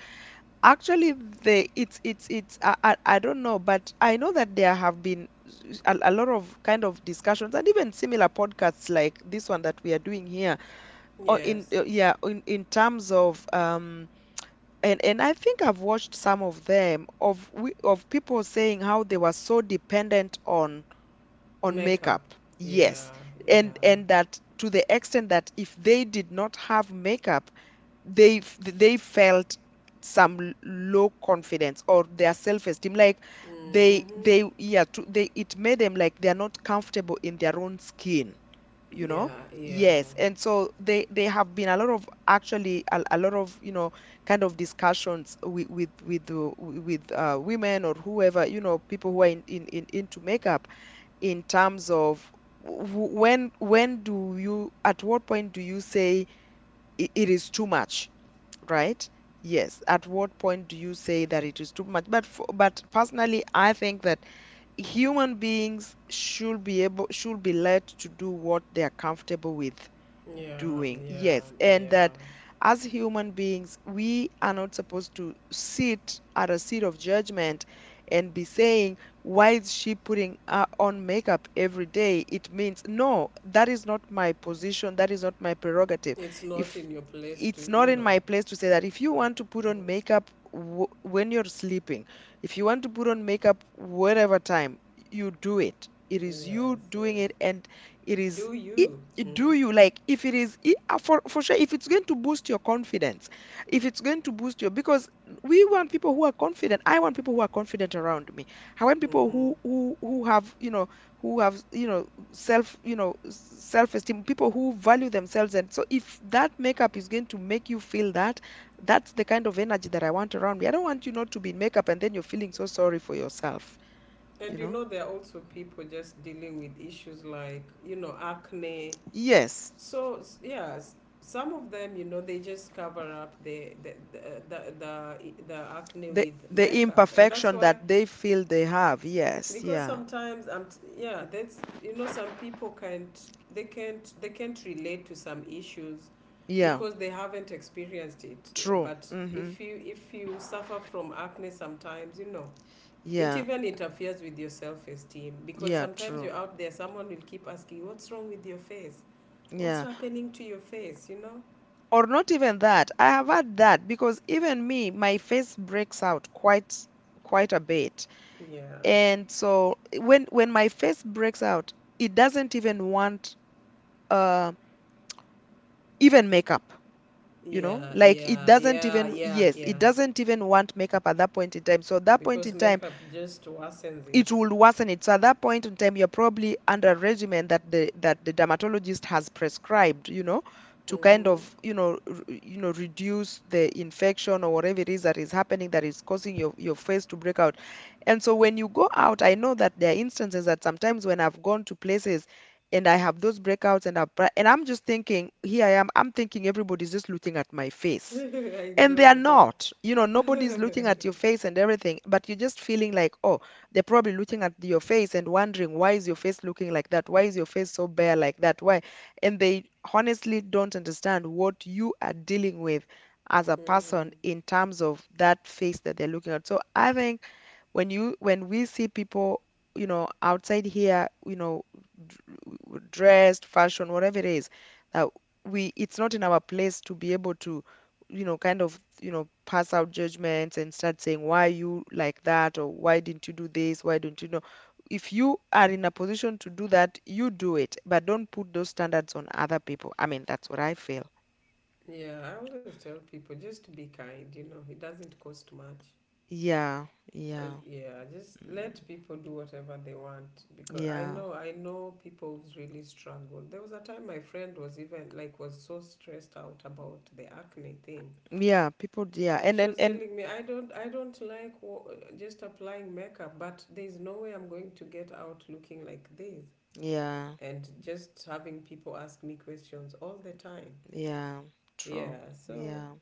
S1: Actually, the, it's I don't know, but I know that there have been, a lot of kind of discussions, and even similar podcasts like this one that we are doing here, or in,
S2: Yes.
S1: yeah, in terms of and I think I've watched some of them of, of people saying how they were so dependent on
S2: Makeup.
S1: makeup.
S2: Yeah,
S1: Yes.
S2: yeah.
S1: And that, to the extent that if they did not have makeup, they, they felt some, low confidence, or their self-esteem, like they,
S2: Mm-hmm.
S1: yeah, to, they, it made them like they are not comfortable in their own skin, you know?
S2: Yeah, yeah.
S1: Yes, and so they have been a lot of, actually, a lot of, you know, kind of discussions with with, women, or whoever, you know, people who are in into makeup, in terms of, when do you, at what point do you say, it is too much, right? Yes, at what point do you say that it is too much? But personally, I think that human beings should be let to do what they are comfortable with
S2: Yeah,
S1: doing.
S2: yeah,
S1: Yes. And
S2: yeah.
S1: that as human beings, we are not supposed to sit at a seat of judgment and be saying, why is she putting on makeup every day? It means, no, that is not my position. That is not my prerogative.
S2: It's not
S1: If
S2: in your place to,
S1: it's not
S2: you
S1: in
S2: know,
S1: my place to say that if
S2: to
S1: you
S2: talk.
S1: want to put on
S2: Hmm.
S1: makeup w when you're sleeping, if you want to put on makeup whatever time, you do it. It is you
S2: Yes,
S1: doing
S2: yes.
S1: it, and it is
S2: Do you?
S1: do
S2: Mm-hmm.
S1: you like if it is I- for sure, if it's going to boost your confidence, if it's going to boost your because we want people who are confident. I want people who are confident around me. I want people
S2: Mm-hmm.
S1: who have self you know self esteem, people who value themselves. And so if that makeup is going to make you feel that, that's the kind of energy that I want around me. I don't want you not to be in makeup and then you're feeling so sorry for yourself you
S2: And you
S1: know
S2: know, there are also people just dealing with issues like, you know, acne.
S1: yes.
S2: So yeah, some of them, you know, they just cover up the acne
S1: The
S2: with
S1: the
S2: makeup, and that's
S1: imperfection
S2: why
S1: that they feel they have. Yes,
S2: because
S1: yeah.
S2: sometimes yeah, that's you know, some people can't they can't relate to some issues
S1: Yeah,
S2: because they haven't experienced it.
S1: true.
S2: But
S1: Mhm.
S2: if you suffer from acne, sometimes you know. It
S1: Yeah.
S2: even interferes with your self-esteem because
S1: Yeah,
S2: sometimes you're
S1: true.
S2: out there, someone will keep asking, "What's wrong with your face? What's
S1: Yeah.
S2: happening to your face you know.
S1: Or not even that. I have had that because even me, my face breaks out quite a bit.
S2: Yeah,
S1: And so when my face breaks out, it doesn't even want uh even makeup, you know?
S2: yeah,
S1: Like it
S2: yeah,
S1: doesn't
S2: yeah,
S1: even
S2: yeah,
S1: yes, it
S2: yeah.
S1: doesn't even want makeup at that point in time. So at that point
S2: Because
S1: in time,
S2: makeup just worsens
S1: it
S2: it.
S1: will worsen it. So at that point in time, you're probably under a regimen that the dermatologist has prescribed, you know, to kind
S2: Hmm.
S1: of reduce the infection or whatever it is that is happening that is causing your face to break out. And so when you go out, I know that there are instances that sometimes when I've gone to places and I have those breakouts and I'm just thinking, here I am, I'm thinking everybody's just looking at my
S2: [laughs]
S1: face,
S2: I
S1: and they
S2: know.
S1: are
S2: [laughs]
S1: not, nobody's looking at your face and everything, but you're just feeling like, oh, they're probably looking at your face and wondering, why is your face looking like that, why is your face so bare like that, why? And they honestly don't understand what you are dealing with as a person
S2: Hmm.
S1: in terms of that face that they're looking at. So I think when we see people, you know, outside here, d- dressed, fashion, whatever it is, that we it's not in our place to be able to, kind of, pass out judgments and start saying, why you like that, or why didn't you do this, why don't you know if you are in a position to do that, you do it, but don't put those standards on other people. I mean, that's what I feel.
S2: Yeah, I always tell people just to be kind, you know, it doesn't cost much.
S1: Yeah. Yeah.
S2: Yeah, just
S1: Mm,
S2: let people do whatever they want because
S1: yeah,
S2: I know people who's really struggled. There was a time my friend was even like was so stressed out about the acne thing
S1: yeah, people, yeah,
S2: and
S1: and
S2: she
S1: and
S2: was
S1: and
S2: telling me, I don't like just applying makeup, but there's no way I'm going to get out looking like this,
S1: yeah.
S2: and just having people ask me questions all the time.
S1: Yeah, true.
S2: Yeah, so
S1: Yeah,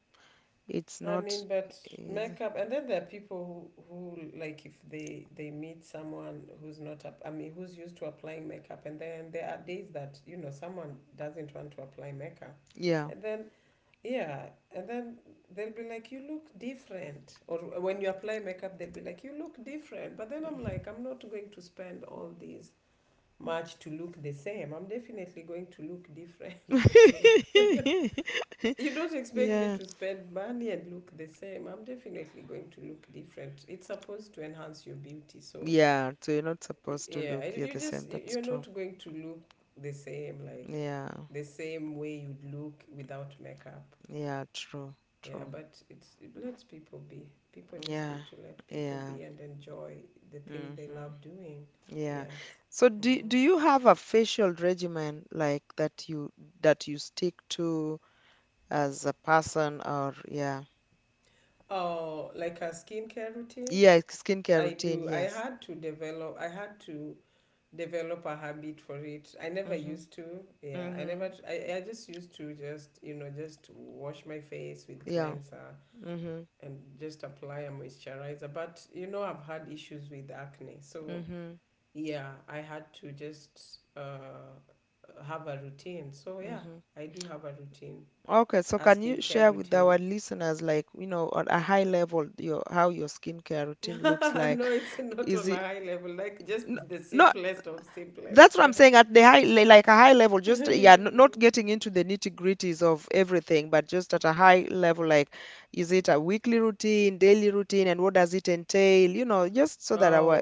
S1: it's
S2: I
S1: not
S2: mean, but
S1: easy.
S2: makeup, and then there are people who like if they meet someone who's not, up, I mean, who's used to applying makeup, and then there are days that you know someone doesn't want to apply makeup,
S1: Yeah.
S2: and then yeah, and then they'll be like, "You look different." Or when you apply makeup, they'll be like, "You look different." But then I'm like, I'm not going to spend all this much to look the same. I'm definitely going to look different. [laughs] So
S1: [laughs]
S2: you don't expect me
S1: Yeah.
S2: to spend money and look the same. I'm definitely going to look different. It's supposed to enhance your beauty. So
S1: Yeah, so you're not supposed to
S2: yeah,
S1: look. You're the same. That's
S2: you're not
S1: true.
S2: going to look the same like
S1: Yeah.
S2: the same way you'd look without makeup.
S1: Yeah, true.
S2: Yeah,
S1: True.
S2: but it's it lets people be. People just
S1: Yeah.
S2: need to let people
S1: Yeah.
S2: be and enjoy the things they
S1: Mm-hmm.
S2: love doing.
S1: Yeah.
S2: Yes.
S1: So do
S2: Hmm.
S1: do you have a facial regimen, like, that you stick to as a person, or yeah.
S2: Oh, like a skincare routine.
S1: Yeah, skincare
S2: I
S1: routine,
S2: do. I
S1: yes.
S2: had to develop, I had to develop a habit for it. I never
S1: Mm-hmm.
S2: used to. Yeah, I
S1: Mm-hmm.
S2: never tr- I just used to just just wash my face with
S1: Yeah.
S2: cleanser
S1: Mm-hmm.
S2: and just apply a moisturizer. But you know, I've had issues with acne, so
S1: Mm-hmm.
S2: yeah, I had to just have a routine. So yeah,
S1: Mm-hmm.
S2: I do have a routine,
S1: Okay, so
S2: a
S1: can you
S2: skincare
S1: share with
S2: routine.
S1: our listeners, like, you know, on a high level, your how your skincare
S2: [laughs] No,
S1: routine looks like?
S2: it's not
S1: Is
S2: on a
S1: it
S2: high level, like just
S1: n-
S2: the
S1: no.
S2: simplest of simplest.
S1: That's what
S2: [laughs]
S1: I'm saying, at the high, like a high level, just, yeah,
S2: Okay,
S1: not getting into the nitty-gritties of everything, but just at a high level, like, is it a weekly routine, daily routine, and what does it entail? You know, just so that our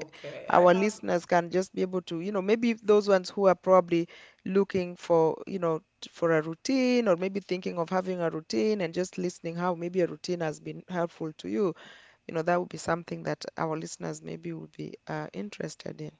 S2: I
S1: our
S2: have.
S1: listeners can just be able to, you know, maybe those ones who are probably looking for, you know, t- for a routine, or maybe thinking of having a routine and just listening how maybe a routine has been helpful to you, you know, that would be something that our listeners maybe would be interested in.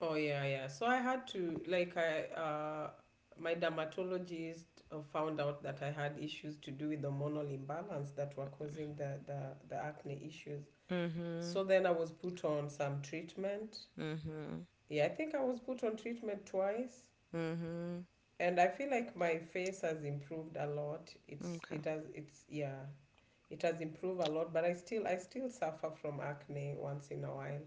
S2: Oh yeah, yeah. So I had to like I my dermatologist found out that I had issues to do with the hormonal imbalance that were causing the acne issues.
S1: Mm-hmm.
S2: So then I was put on some treatment.
S1: Mm-hmm.
S2: Yeah, I think I was put on treatment twice,
S1: Mhm.
S2: and I feel like my face has improved a lot. It's
S1: Okay.
S2: it has it's yeah, it has improved a lot, but I still suffer from acne once in a while.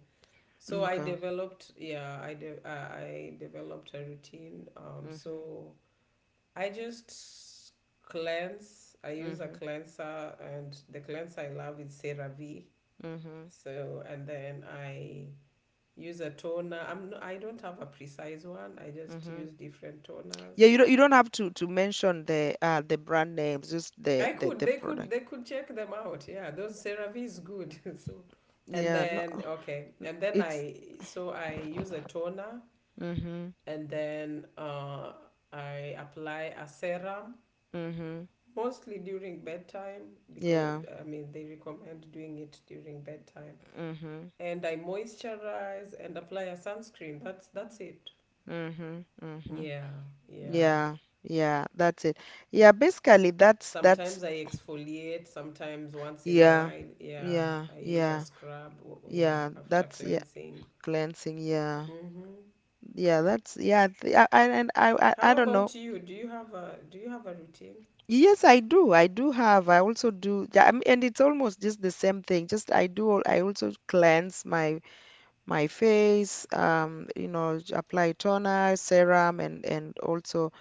S2: So I
S1: Okay.
S2: developed, yeah, I developed a routine. Um,
S1: Mhm.
S2: so I just cleanse. I use a
S1: Mhm.
S2: cleanser, and the cleanser I love is CeraVe.
S1: Mhm.
S2: So and then I use a toner. I don't have a precise one. I just
S1: Mhm.
S2: use different toners.
S1: Yeah, you don't have to mention the brand names, just the
S2: I
S1: the
S2: could,
S1: the
S2: they could
S1: product.
S2: they could check them out. Yeah, those CeraVe is good. [laughs] So and
S1: Yeah, no,
S2: then okay, and then
S1: it's
S2: I use a toner,
S1: mhm.
S2: and then I apply a serum
S1: Mhm.
S2: mostly during bedtime, because
S1: Yeah.
S2: I mean they recommend doing it during bedtime.
S1: Mhm.
S2: And I moisturize and apply a sunscreen. That's it.
S1: Mhm. Mhm.
S2: Yeah, yeah.
S1: Yeah. Yeah, that's it. Yeah, basically that's
S2: Sometimes I exfoliate, sometimes once in a
S1: yeah.
S2: while, yeah,
S1: Yeah.
S2: I use a
S1: Yeah.
S2: scrub, yeah,
S1: Yeah,
S2: after
S1: that's yeah.
S2: cleansing.
S1: Cleansing, yeah.
S2: Mm-hmm.
S1: Yeah, that's yeah. I and I
S2: How
S1: don't know.
S2: about you? Do you have a routine?
S1: Yes, I do. I do have. I also do. Yeah, I mean, and it's almost just the same thing. Just I do. I also cleanse my face. You know, apply toner, serum, and also,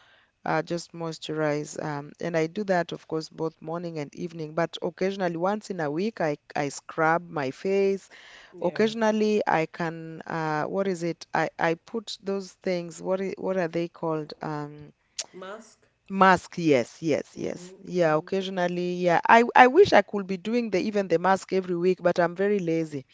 S1: just moisturize. And I do that, of course, both morning and evening. But occasionally, once in a week, I scrub my face.
S2: Yeah.
S1: Occasionally, I can. What is it? I put those things. What what are they called?
S2: Mask?
S1: Mask, yes, yes,
S2: Mm-hmm,
S1: yes. Yeah,
S2: mm-hmm.
S1: occasionally, yeah. I wish I could be doing the even the mask every week, but I'm very lazy.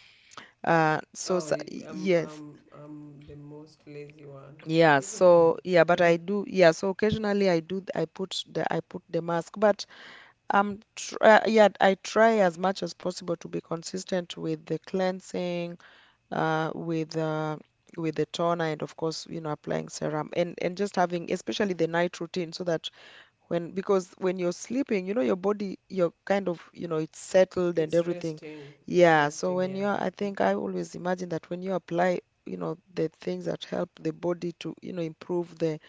S2: Oh, I'm
S1: Yes,
S2: I'm I'm the most lazy one.
S1: yeah.
S2: Even
S1: So yeah, but I
S2: [laughs]
S1: do. Yeah, so occasionally I do. I put the mask, but tr yeah, I try as much as possible to be consistent with the cleansing, uh, with uh, with the toner, and of course, applying serum, and just having especially the night routine, so that, when you're sleeping, your body, you're kind of, it's settled and
S2: it's
S1: everything.
S2: resting. It's
S1: Yeah. So
S2: resting,
S1: when
S2: yeah.
S1: you're, I think I
S2: Mm-hmm.
S1: always imagine that when you apply, the things that help the body to, improve the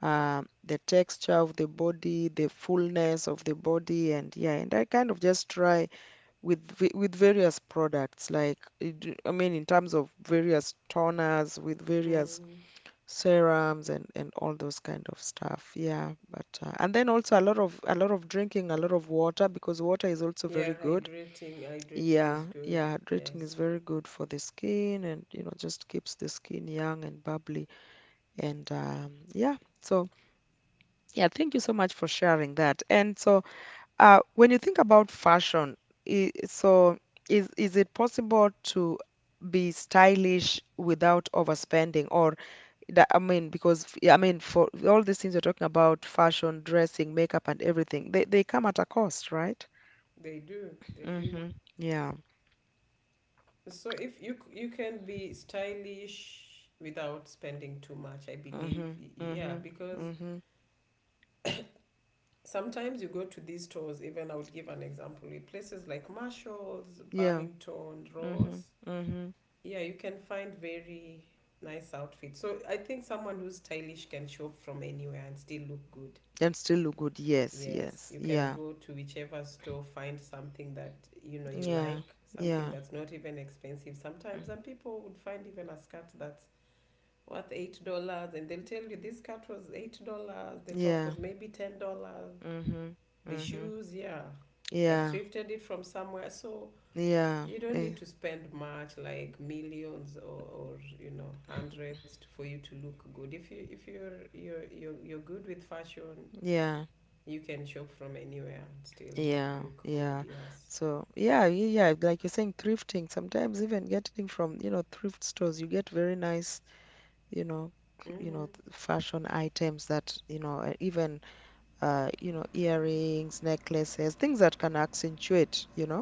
S1: uh, the texture of the body, the fullness of the body, and yeah, and I kind of just try with various products, like, I mean, in terms of various toners, with various
S2: Mm-hmm.
S1: serums and all those kind of stuff. Yeah, but and then also a lot of drinking, a lot of water, because water is also
S2: Yeah,
S1: very good.
S2: hydrating, hydrating
S1: Yeah,
S2: is good.
S1: yeah, hydrating is
S2: Yes.
S1: very good for the skin, and just keeps the skin young and bubbly, and yeah. So yeah, thank you so much for sharing that. And so, when you think about fashion, I so is it possible to be stylish without overspending, or that I mean, because, yeah, I mean, for all these things you're talking about, fashion, dressing, makeup, and everything, they come at a cost, right?
S2: They do. They do.
S1: Mm-hmm. Yeah.
S2: So if you can be stylish without spending too much, I
S1: Mm-hmm.
S2: believe. Yeah,
S1: Mm-hmm.
S2: because
S1: Mm-hmm.
S2: sometimes you go to these stores, even I would give an example, with places like Marshalls,
S1: Yeah.
S2: Burlington,
S1: Mm-hmm.
S2: Ross.
S1: Mm-hmm.
S2: Yeah, you can find very nice outfits. So I think someone who's stylish can shop from anywhere and still look good.
S1: And still look good. Yes.
S2: Yes,
S1: Yes.
S2: you can
S1: Yeah.
S2: go to whichever store, find something that you know you
S1: Yeah.
S2: like, something
S1: Yeah.
S2: that's not even expensive. Sometimes
S1: Mm.
S2: some people would find even a skirt that's worth $8, and they'll tell you this cut was $8, the top
S1: Yeah.
S2: was maybe $10,
S1: Mm-hmm.
S2: the
S1: Mm-hmm.
S2: shoes, yeah, I
S1: Yeah.
S2: thrifted it from somewhere. So
S1: Yeah.
S2: you don't need to spend much, like millions, or you know hundreds, to, for you to look good. If you if you're good with fashion,
S1: Yeah.
S2: you can shop from anywhere and still
S1: Yeah.
S2: look good.
S1: Yeah.
S2: Yes.
S1: So yeah, yeah, like you're saying, thrifting. Sometimes even getting from, you know, thrift stores, you get very nice, you know
S2: Mm-hmm.
S1: fashion items that, even, earrings, necklaces, things that can accentuate,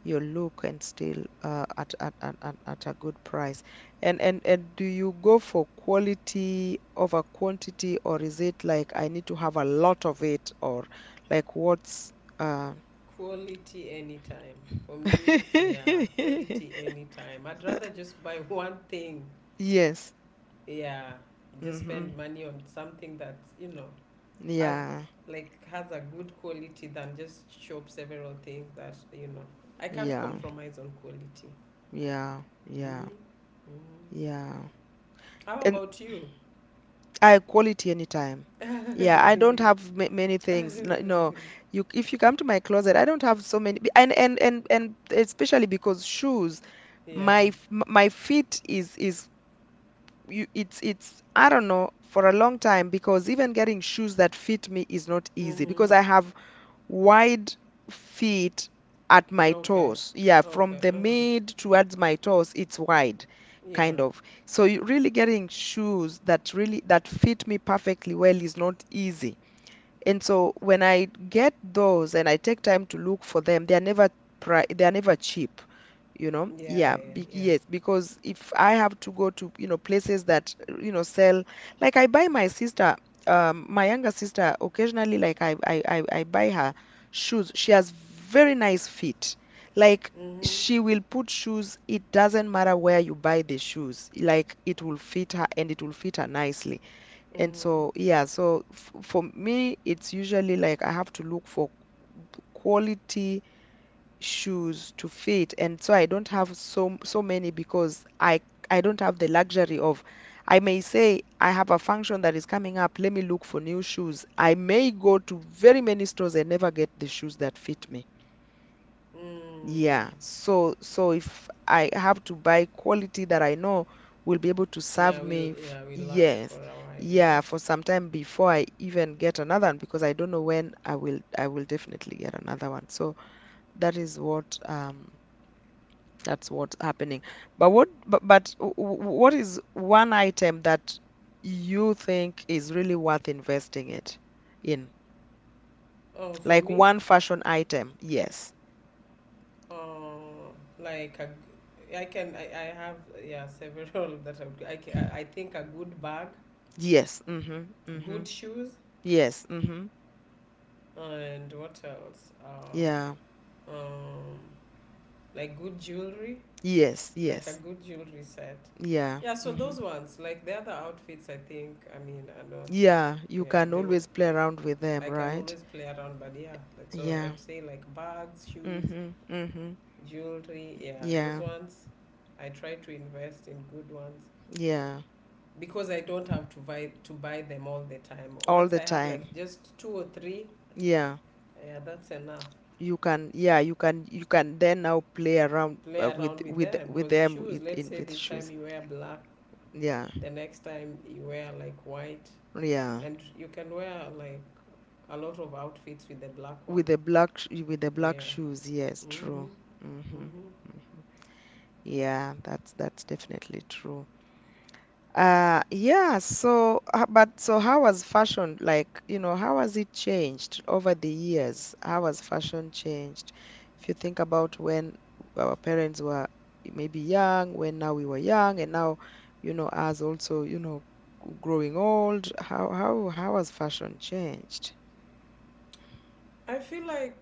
S1: your look, and still, at a good price. And do you go for quality over quantity, or is it like, I need to have a lot of it, or like, what's uh
S2: Quality anytime. For
S1: [laughs]
S2: me, yeah, quality anytime. I'd rather just buy [laughs] one thing,
S1: yes,
S2: yeah, just
S1: mm-hmm,
S2: spend money on something that you know has,
S1: yeah,
S2: like has a good quality, than just shop several things that you know. I can't
S1: yeah,
S2: compromise on quality.
S1: yeah, yeah, yeah.
S2: Mm-hmm. Mm-hmm.
S1: Yeah.
S2: How
S1: And
S2: about you?
S1: I quality anytime. Yeah, I don't have ma many things. No, no, you if you come to my closet, I don't have so many. And especially because shoes,
S2: Yeah,
S1: my feet is, you, it's I don't know, for a long time, because even getting shoes that fit me is not easy,
S2: mm-hmm.
S1: because I have wide feet at my
S2: Okay,
S1: toes. Yeah, from
S2: okay,
S1: the
S2: uh-huh.
S1: mid towards my toes, it's wide,
S2: Yeah,
S1: kind of. So you really, getting shoes that really that fit me perfectly well is not easy. And so when I get those and I take time to look for them, they are never cheap,
S2: yeah, yeah,
S1: Yeah,
S2: yeah,
S1: be
S2: yeah,
S1: yes, because if I have to go to, places that, sell, like I buy my sister, my younger sister, occasionally, like I buy her shoes. She has very nice feet. Like,
S2: mm-hmm.
S1: she will put shoes, it doesn't matter where you buy the shoes, like it will fit her, and it will fit her nicely. And
S2: Mm-hmm.
S1: so, yeah, so f for me, it's usually like I have to look for quality shoes to fit. And so I don't have so many, because I don't have the luxury of I may say I have a function that is coming up, let me look for new shoes. I may go to very many stores and never get the shoes that fit me.
S2: Mm.
S1: Yeah, so if I have to buy quality that I know will be able to
S2: Yeah,
S1: serve
S2: we'll,
S1: me,
S2: yeah, we last for
S1: yes,
S2: a while,
S1: yeah,
S2: yes.
S1: for some time before I even get another one because I don't know when I will definitely get another one. So that is what um that's what's happening. But what is one item that you think is really worth investing it in?
S2: Oh, for
S1: Like
S2: me.
S1: one fashion item. Yes.
S2: Oh, like a, I can, I have, yeah, several [laughs] that are, I think a good bag,
S1: Yes. Mm-hmm. Mm-hmm.
S2: good shoes,
S1: Yes. Mm-hmm.
S2: and what else?
S1: Yeah.
S2: Um, like good jewelry,
S1: Yes,
S2: like a
S1: yes.
S2: good jewelry set.
S1: Yeah.
S2: Yeah, so
S1: Hmm.
S2: those ones, like the other outfits, I think I mean are not. It,
S1: Yeah, you
S2: yeah,
S1: can always play around with them,
S2: I can
S1: right?
S2: always play around, but yeah, that's all. I
S1: Yeah.
S2: would say like bags, shoes,
S1: Hmm. Hmm.
S2: jewelry. Yeah, those
S1: Yeah.
S2: ones. I try to invest in good ones,
S1: Yeah.
S2: because I don't have to buy them all the time.
S1: All
S2: Once
S1: the
S2: I have
S1: time.
S2: like just two or three,
S1: Yeah.
S2: yeah, that's enough.
S1: You can, yeah, you can then now play around,
S2: Play
S1: with
S2: around with
S1: with
S2: them
S1: with
S2: because
S1: them,
S2: shoes.
S1: with
S2: Let's
S1: in
S2: say
S1: with
S2: this time
S1: shoes.
S2: you wear black,
S1: Yeah.
S2: the next time you wear like white,
S1: Yeah.
S2: and you can wear like a lot of outfits with the black one.
S1: With the black sh- with the black
S2: Yeah.
S1: shoes. Yes,
S2: Mhm.
S1: true. Hmm.
S2: Mhm.
S1: Yeah, that's definitely true. Yeah, so, but so how has fashion, like, you know, how has it changed over the years? How has fashion changed? If you think about when our parents were maybe young, when now we were young, and now, you know, us also, you know, growing old, how has fashion changed?
S2: I feel like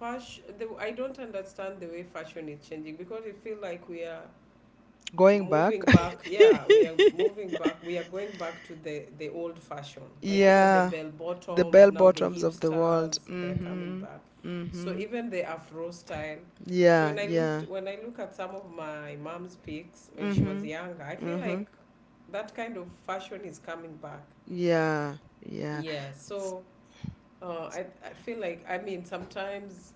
S2: fashion. The, I don't understand the way fashion is changing, because I feel like we are
S1: Going back,
S2: moving
S1: [laughs]
S2: back. Yeah, we are moving back, we are going back to the old fashion, like, you know, the
S1: yeah,
S2: bell
S1: the
S2: bottoms,
S1: bell
S2: now the
S1: bottoms of the world.
S2: hipsters, they're coming
S1: Mm-hmm.
S2: back. So
S1: Mm-hmm.
S2: even the afro style. So
S1: Yeah,
S2: when i looked
S1: yeah.
S2: when i look at some of my mom's pics when she was
S1: Mm-hmm.
S2: younger, I feel
S1: Mm-hmm.
S2: like that kind of fashion is coming back.
S1: Yeah. Yeah.
S2: Yeah,
S1: S-
S2: so uh,
S1: s-
S2: I, I feel like, I mean, sometimes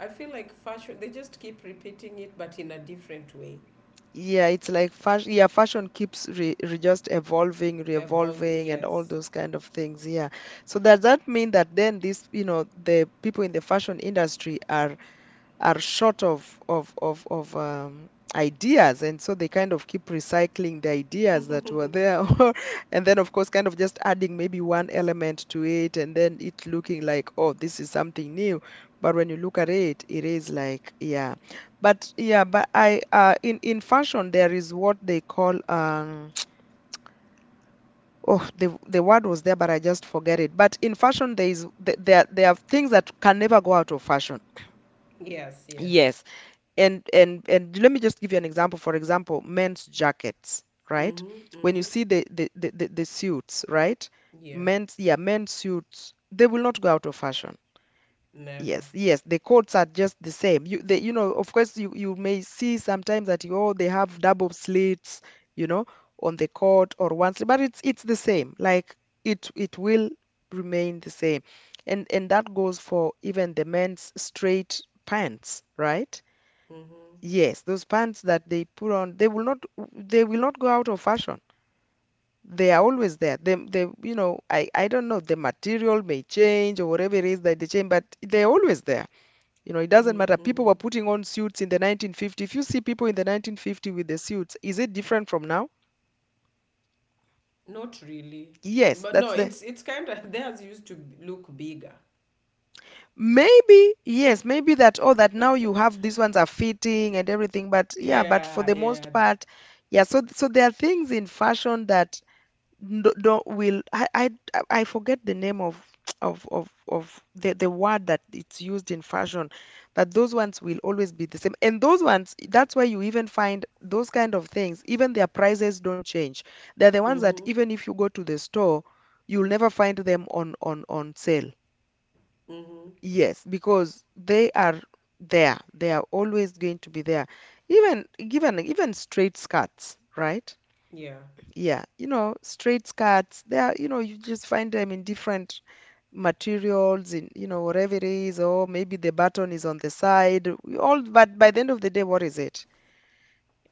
S2: I feel like fashion, they just keep repeating it but in a different way.
S1: Yeah, it's like fashion. Yeah, fashion keeps re, re just evolving,
S2: Evolve,
S1: re-evolving, and all
S2: yes,
S1: those kind of things. Yeah. So does that mean that then this, you know, the people in the fashion industry are short of ideas, and so they kind of keep recycling the ideas that were there, [laughs] and then of course kind of just adding maybe one element to it, and then it looking like oh this is something new, but when you look at it, it is like yeah, but I in fashion there is what they call. [tsk] Oh, the word was there, but I just forget it. But in fashion, there is th- there are things that can never go out of fashion.
S2: yes, yes.
S1: Yes. And let me just give you an example. For example, men's jackets, right?
S2: Mm-hmm.
S1: When you
S2: Mm-hmm.
S1: see the suits, right?
S2: Yeah,
S1: Men's yeah, men's suits, they will not go out of fashion.
S2: never.
S1: Yes, yes, the coats are just the same. You they, you know, of course you you may see sometimes that oh they have double slits, you know, on the coat or one slit, but it's the same. Like it will remain the same. And that goes for even the men's straight pants, right?
S2: Mm-hmm.
S1: Yes, those pants that they put on, they will not go out of fashion. They are always there. They, I don't know, the material may change or whatever it is that they change, but they're always there. You know, it doesn't
S2: Mm-hmm.
S1: matter. People
S2: Mm-hmm.
S1: were putting on suits in the 1950s. If you see people in the 1950s with the suits, is it different from now?
S2: Not really.
S1: Yes,
S2: But no,
S1: that's the
S2: it's kind of [laughs] theirs used to look bigger.
S1: maybe, yes, maybe that oh that now you have these ones are fitting and everything, but yeah, but for
S2: Yeah,
S1: the
S2: yeah,
S1: most part, yeah, so there are things in fashion that no, no, will I forget the name of the word that it's used in fashion, that those ones will always be the same, and those ones, that's why you even find those kind of things, even their prices don't change. They're the ones that
S2: mm-hmm.
S1: even if you go to the store, you'll never find them on sale.
S2: Mm-hmm.
S1: Yes, because they are there. They are always going to be there. Even given even straight skirts, right?
S2: Yeah.
S1: Yeah, you know, straight skirts, they are, you know, you just find them in different materials, in, you know, whatever it is, or maybe the button is on the side. But by the end of the day, what is it?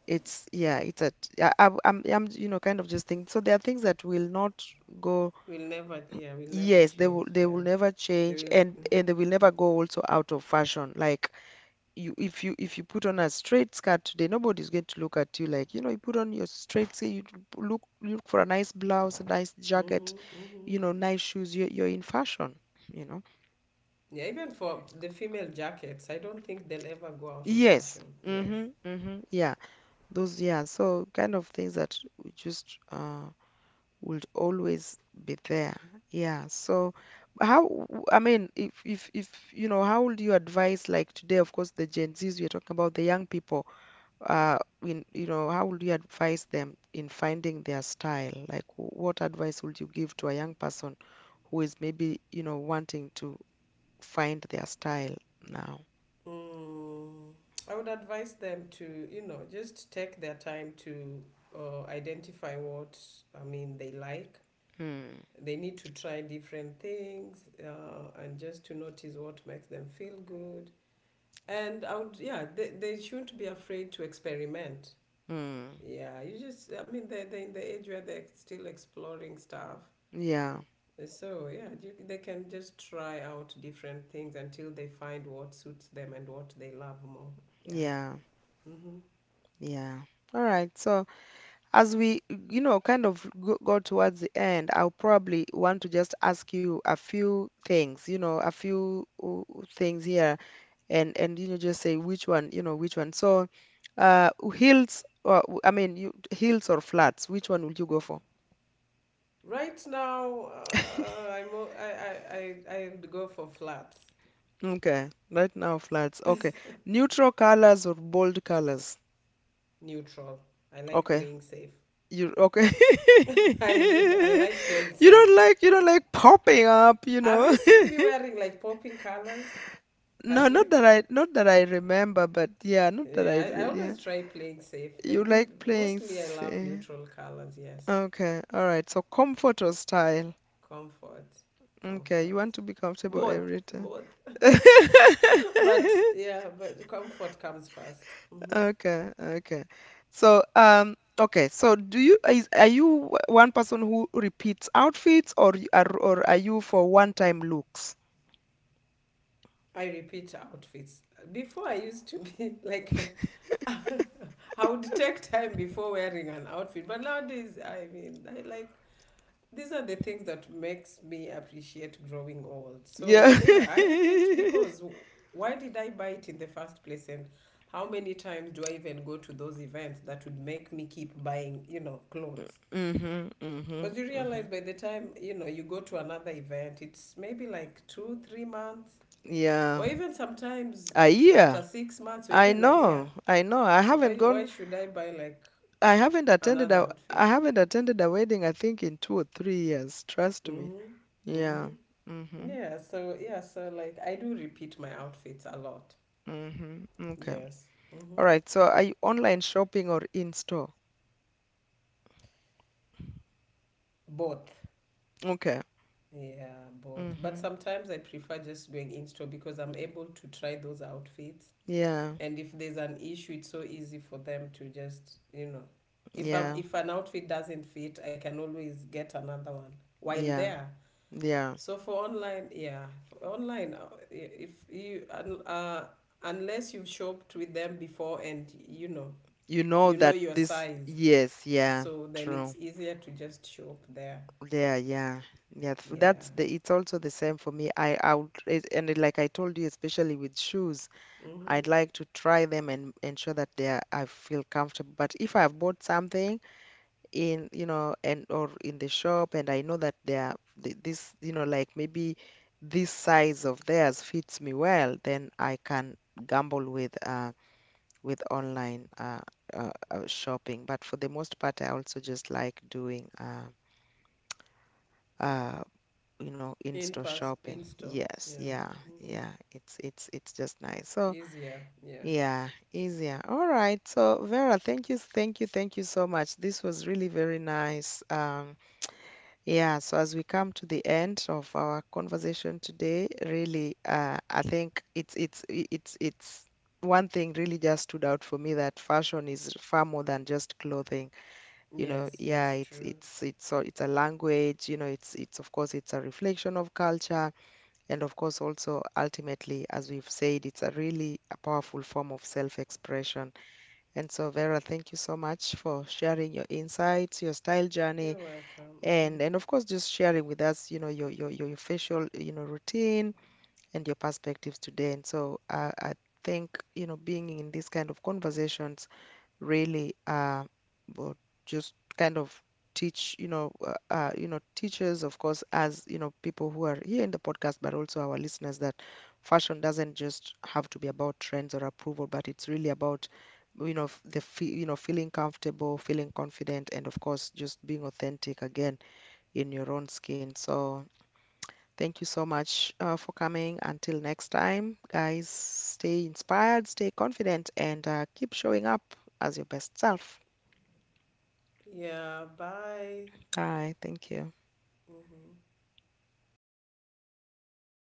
S1: Yeah, yeah, I'm you know, kind of just think. So there are things that will not go.
S2: We'll never, yeah, we'll never
S1: Yes, they
S2: change.
S1: will, they
S2: Yeah,
S1: will never
S2: they
S1: change,
S2: will.
S1: and
S2: Mhm.
S1: they will never go also out of fashion. Like, you if you if you put on a straight skirt today, nobody's going to look at you like, you know, you put on your straight, say you look for a nice blouse, a nice jacket,
S2: Mm-hmm. Mm-hmm.
S1: you know, nice shoes. You're in fashion, you know.
S2: Yeah, even for the female jackets, I don't think they'll ever go out of
S1: Yes.
S2: fashion. Yes.
S1: Mm-hmm. Mm-hmm. Yeah. Those, yeah. So kind of things that w- just would always be there. Yeah. So how I mean, if you know, how would you advise like today, of course, the Gen Zs we're talking about, the young people, in, you know, how would you advise them in finding their style? Like, what advice would you give to a young person who is maybe, you know, wanting to find their style now?
S2: Mm, I would advise them to, you know, just take their time to identify what, I mean, they like.
S1: Hmm.
S2: They need to try different things, and just to notice what makes them feel good. And I would, yeah, they shouldn't be afraid to experiment.
S1: Hmm.
S2: Yeah, you just, I mean, they're in the age where they're still exploring stuff.
S1: Yeah.
S2: So, yeah, you, they can just try out different things until they find what suits them and what they love more. Yeah.
S1: Yeah.
S2: Mm-hmm.
S1: Yeah. All right. So, as we, you know, kind of go, go towards the end, I'll probably want to just ask you a few things, you know, a few things here, and you know, just say which one, you know, which one. So, hills or flats, which one would you go for?
S2: Right now, I'm o- I would go for flat,
S1: Okay, right now flats. Okay, neutral colors or bold colors?
S2: neutral. I like
S1: Okay,
S2: playing safe.
S1: you, okay. [laughs]
S2: [laughs] I like playing
S1: You
S2: safe.
S1: don't like, popping up, you
S2: Have
S1: know?
S2: you seen me wearing like popping colors?
S1: [laughs] No,
S2: Have you?
S1: not that I remember, but yeah, not that I
S2: Yeah, I
S1: re- yeah.
S2: always try playing safe, but
S1: You like playing
S2: mostly I love
S1: safe.
S2: neutral colors, yes.
S1: Okay, all right. So comfort or style?
S2: Comfort,
S1: Okay, you
S2: comfort.
S1: want to be comfortable every
S2: Both,
S1: time.
S2: both.
S1: [laughs]
S2: [laughs] But yeah, but comfort comes 1st.
S1: Okay, okay. So, okay. So, do you, is, are you, one person who repeats outfits, or you are, or are you for one-time looks?
S2: I repeat outfits. Before I used to be [laughs] like, [laughs] I would take time before wearing an outfit, but nowadays, I mean, I like these are the things that makes me appreciate growing old. So
S1: Yeah.
S2: yeah, I repeat,
S1: [laughs]
S2: because why did I buy it in the first place, and how many times do I even go to those events that would make me keep buying, you know, clothes?
S1: Mm-hmm, mm-hmm,
S2: Because you
S1: mm-hmm.
S2: realize by the time you know you go to another event, it's maybe like two, 3 months,
S1: Yeah.
S2: or even sometimes
S1: I
S2: after
S1: hear.
S2: 6 months or
S1: I
S2: even a year.
S1: know. I know. I
S2: So
S1: haven't
S2: why
S1: gone.
S2: should I buy like another outfit?
S1: I haven't attended a wedding, I think, in 2 or 3 years. Trust me.
S2: Mm-hmm.
S1: Yeah.
S2: Mm-hmm.
S1: Mm-hmm.
S2: Yeah, so yeah, so like I do repeat my outfits a lot.
S1: Mm-hmm. Okay.
S2: Yes. Mm-hmm.
S1: All right. So, are you online shopping or in store?
S2: Both.
S1: Okay.
S2: Yeah, both. But
S1: Mm-hmm.
S2: sometimes I prefer just doing in store, because I'm able to try those outfits.
S1: Yeah.
S2: And if there's an issue, it's so easy for them to just, you know,
S1: Yeah.
S2: if an outfit doesn't fit, I can always get another one while
S1: Yeah.
S2: there.
S1: Yeah.
S2: So for online, yeah, for online, I- if you un- unless you've shopped with them before and
S1: You know
S2: you know
S1: that
S2: your
S1: this,
S2: size,
S1: yes, yeah,
S2: so then
S1: true.
S2: it's easier to just shop there.
S1: Yeah, yeah. Yeah,
S2: Yeah.
S1: that's the, it's also the same for me. I would, like I told you, especially with shoes,
S2: Mm-hmm.
S1: I'd like to try them and ensure that they are, I feel comfortable. But if I've bought something in, you know, and or in the shop, and I know that they are, this, you know, like maybe this size of theirs fits me well, then I can gamble with online, shopping. But for the most part, I also just like doing uh you know,
S2: In
S1: in-store
S2: pass
S1: shopping.
S2: in store.
S1: Yes,
S2: Yeah.
S1: yeah,
S2: Mm-hmm.
S1: yeah. It's it's just nice. So
S2: Easier. Yeah.
S1: yeah, easier. All right. So, Vera, thank you, thank you, thank you so much. This was really very nice. Yeah, so as we come to the end of our conversation today, really, I think it's, it's one thing really just stood out for me, that fashion is far more than just clothing. You know,
S2: Yes.
S1: yeah,
S2: Yes. True.
S1: it's, so it's a language. You know, it's, of course, it's a reflection of culture, and of course also ultimately, as we've said, it's a really a powerful form of self-expression. And so, Vera, thank you so much for sharing your insights, your style journey,
S2: You're welcome. Mm-hmm.
S1: and of course just sharing with us, you know, your facial, you know, routine and your perspectives today. And so, I think, you know, being in these kind of conversations, really will just kind of teach, you know, teachers, of course, as you know, people who are here in the podcast, but also our listeners, that fashion doesn't just have to be about trends or approval, but it's really about, you know, you know, feeling comfortable, feeling confident, and of course just being authentic again in your own skin. So, thank you so much, for coming. Until next time, guys, stay inspired, stay confident, and keep showing up as your best self.
S2: Yeah. Bye.
S1: Bye. Thank you.
S2: Mm-hmm.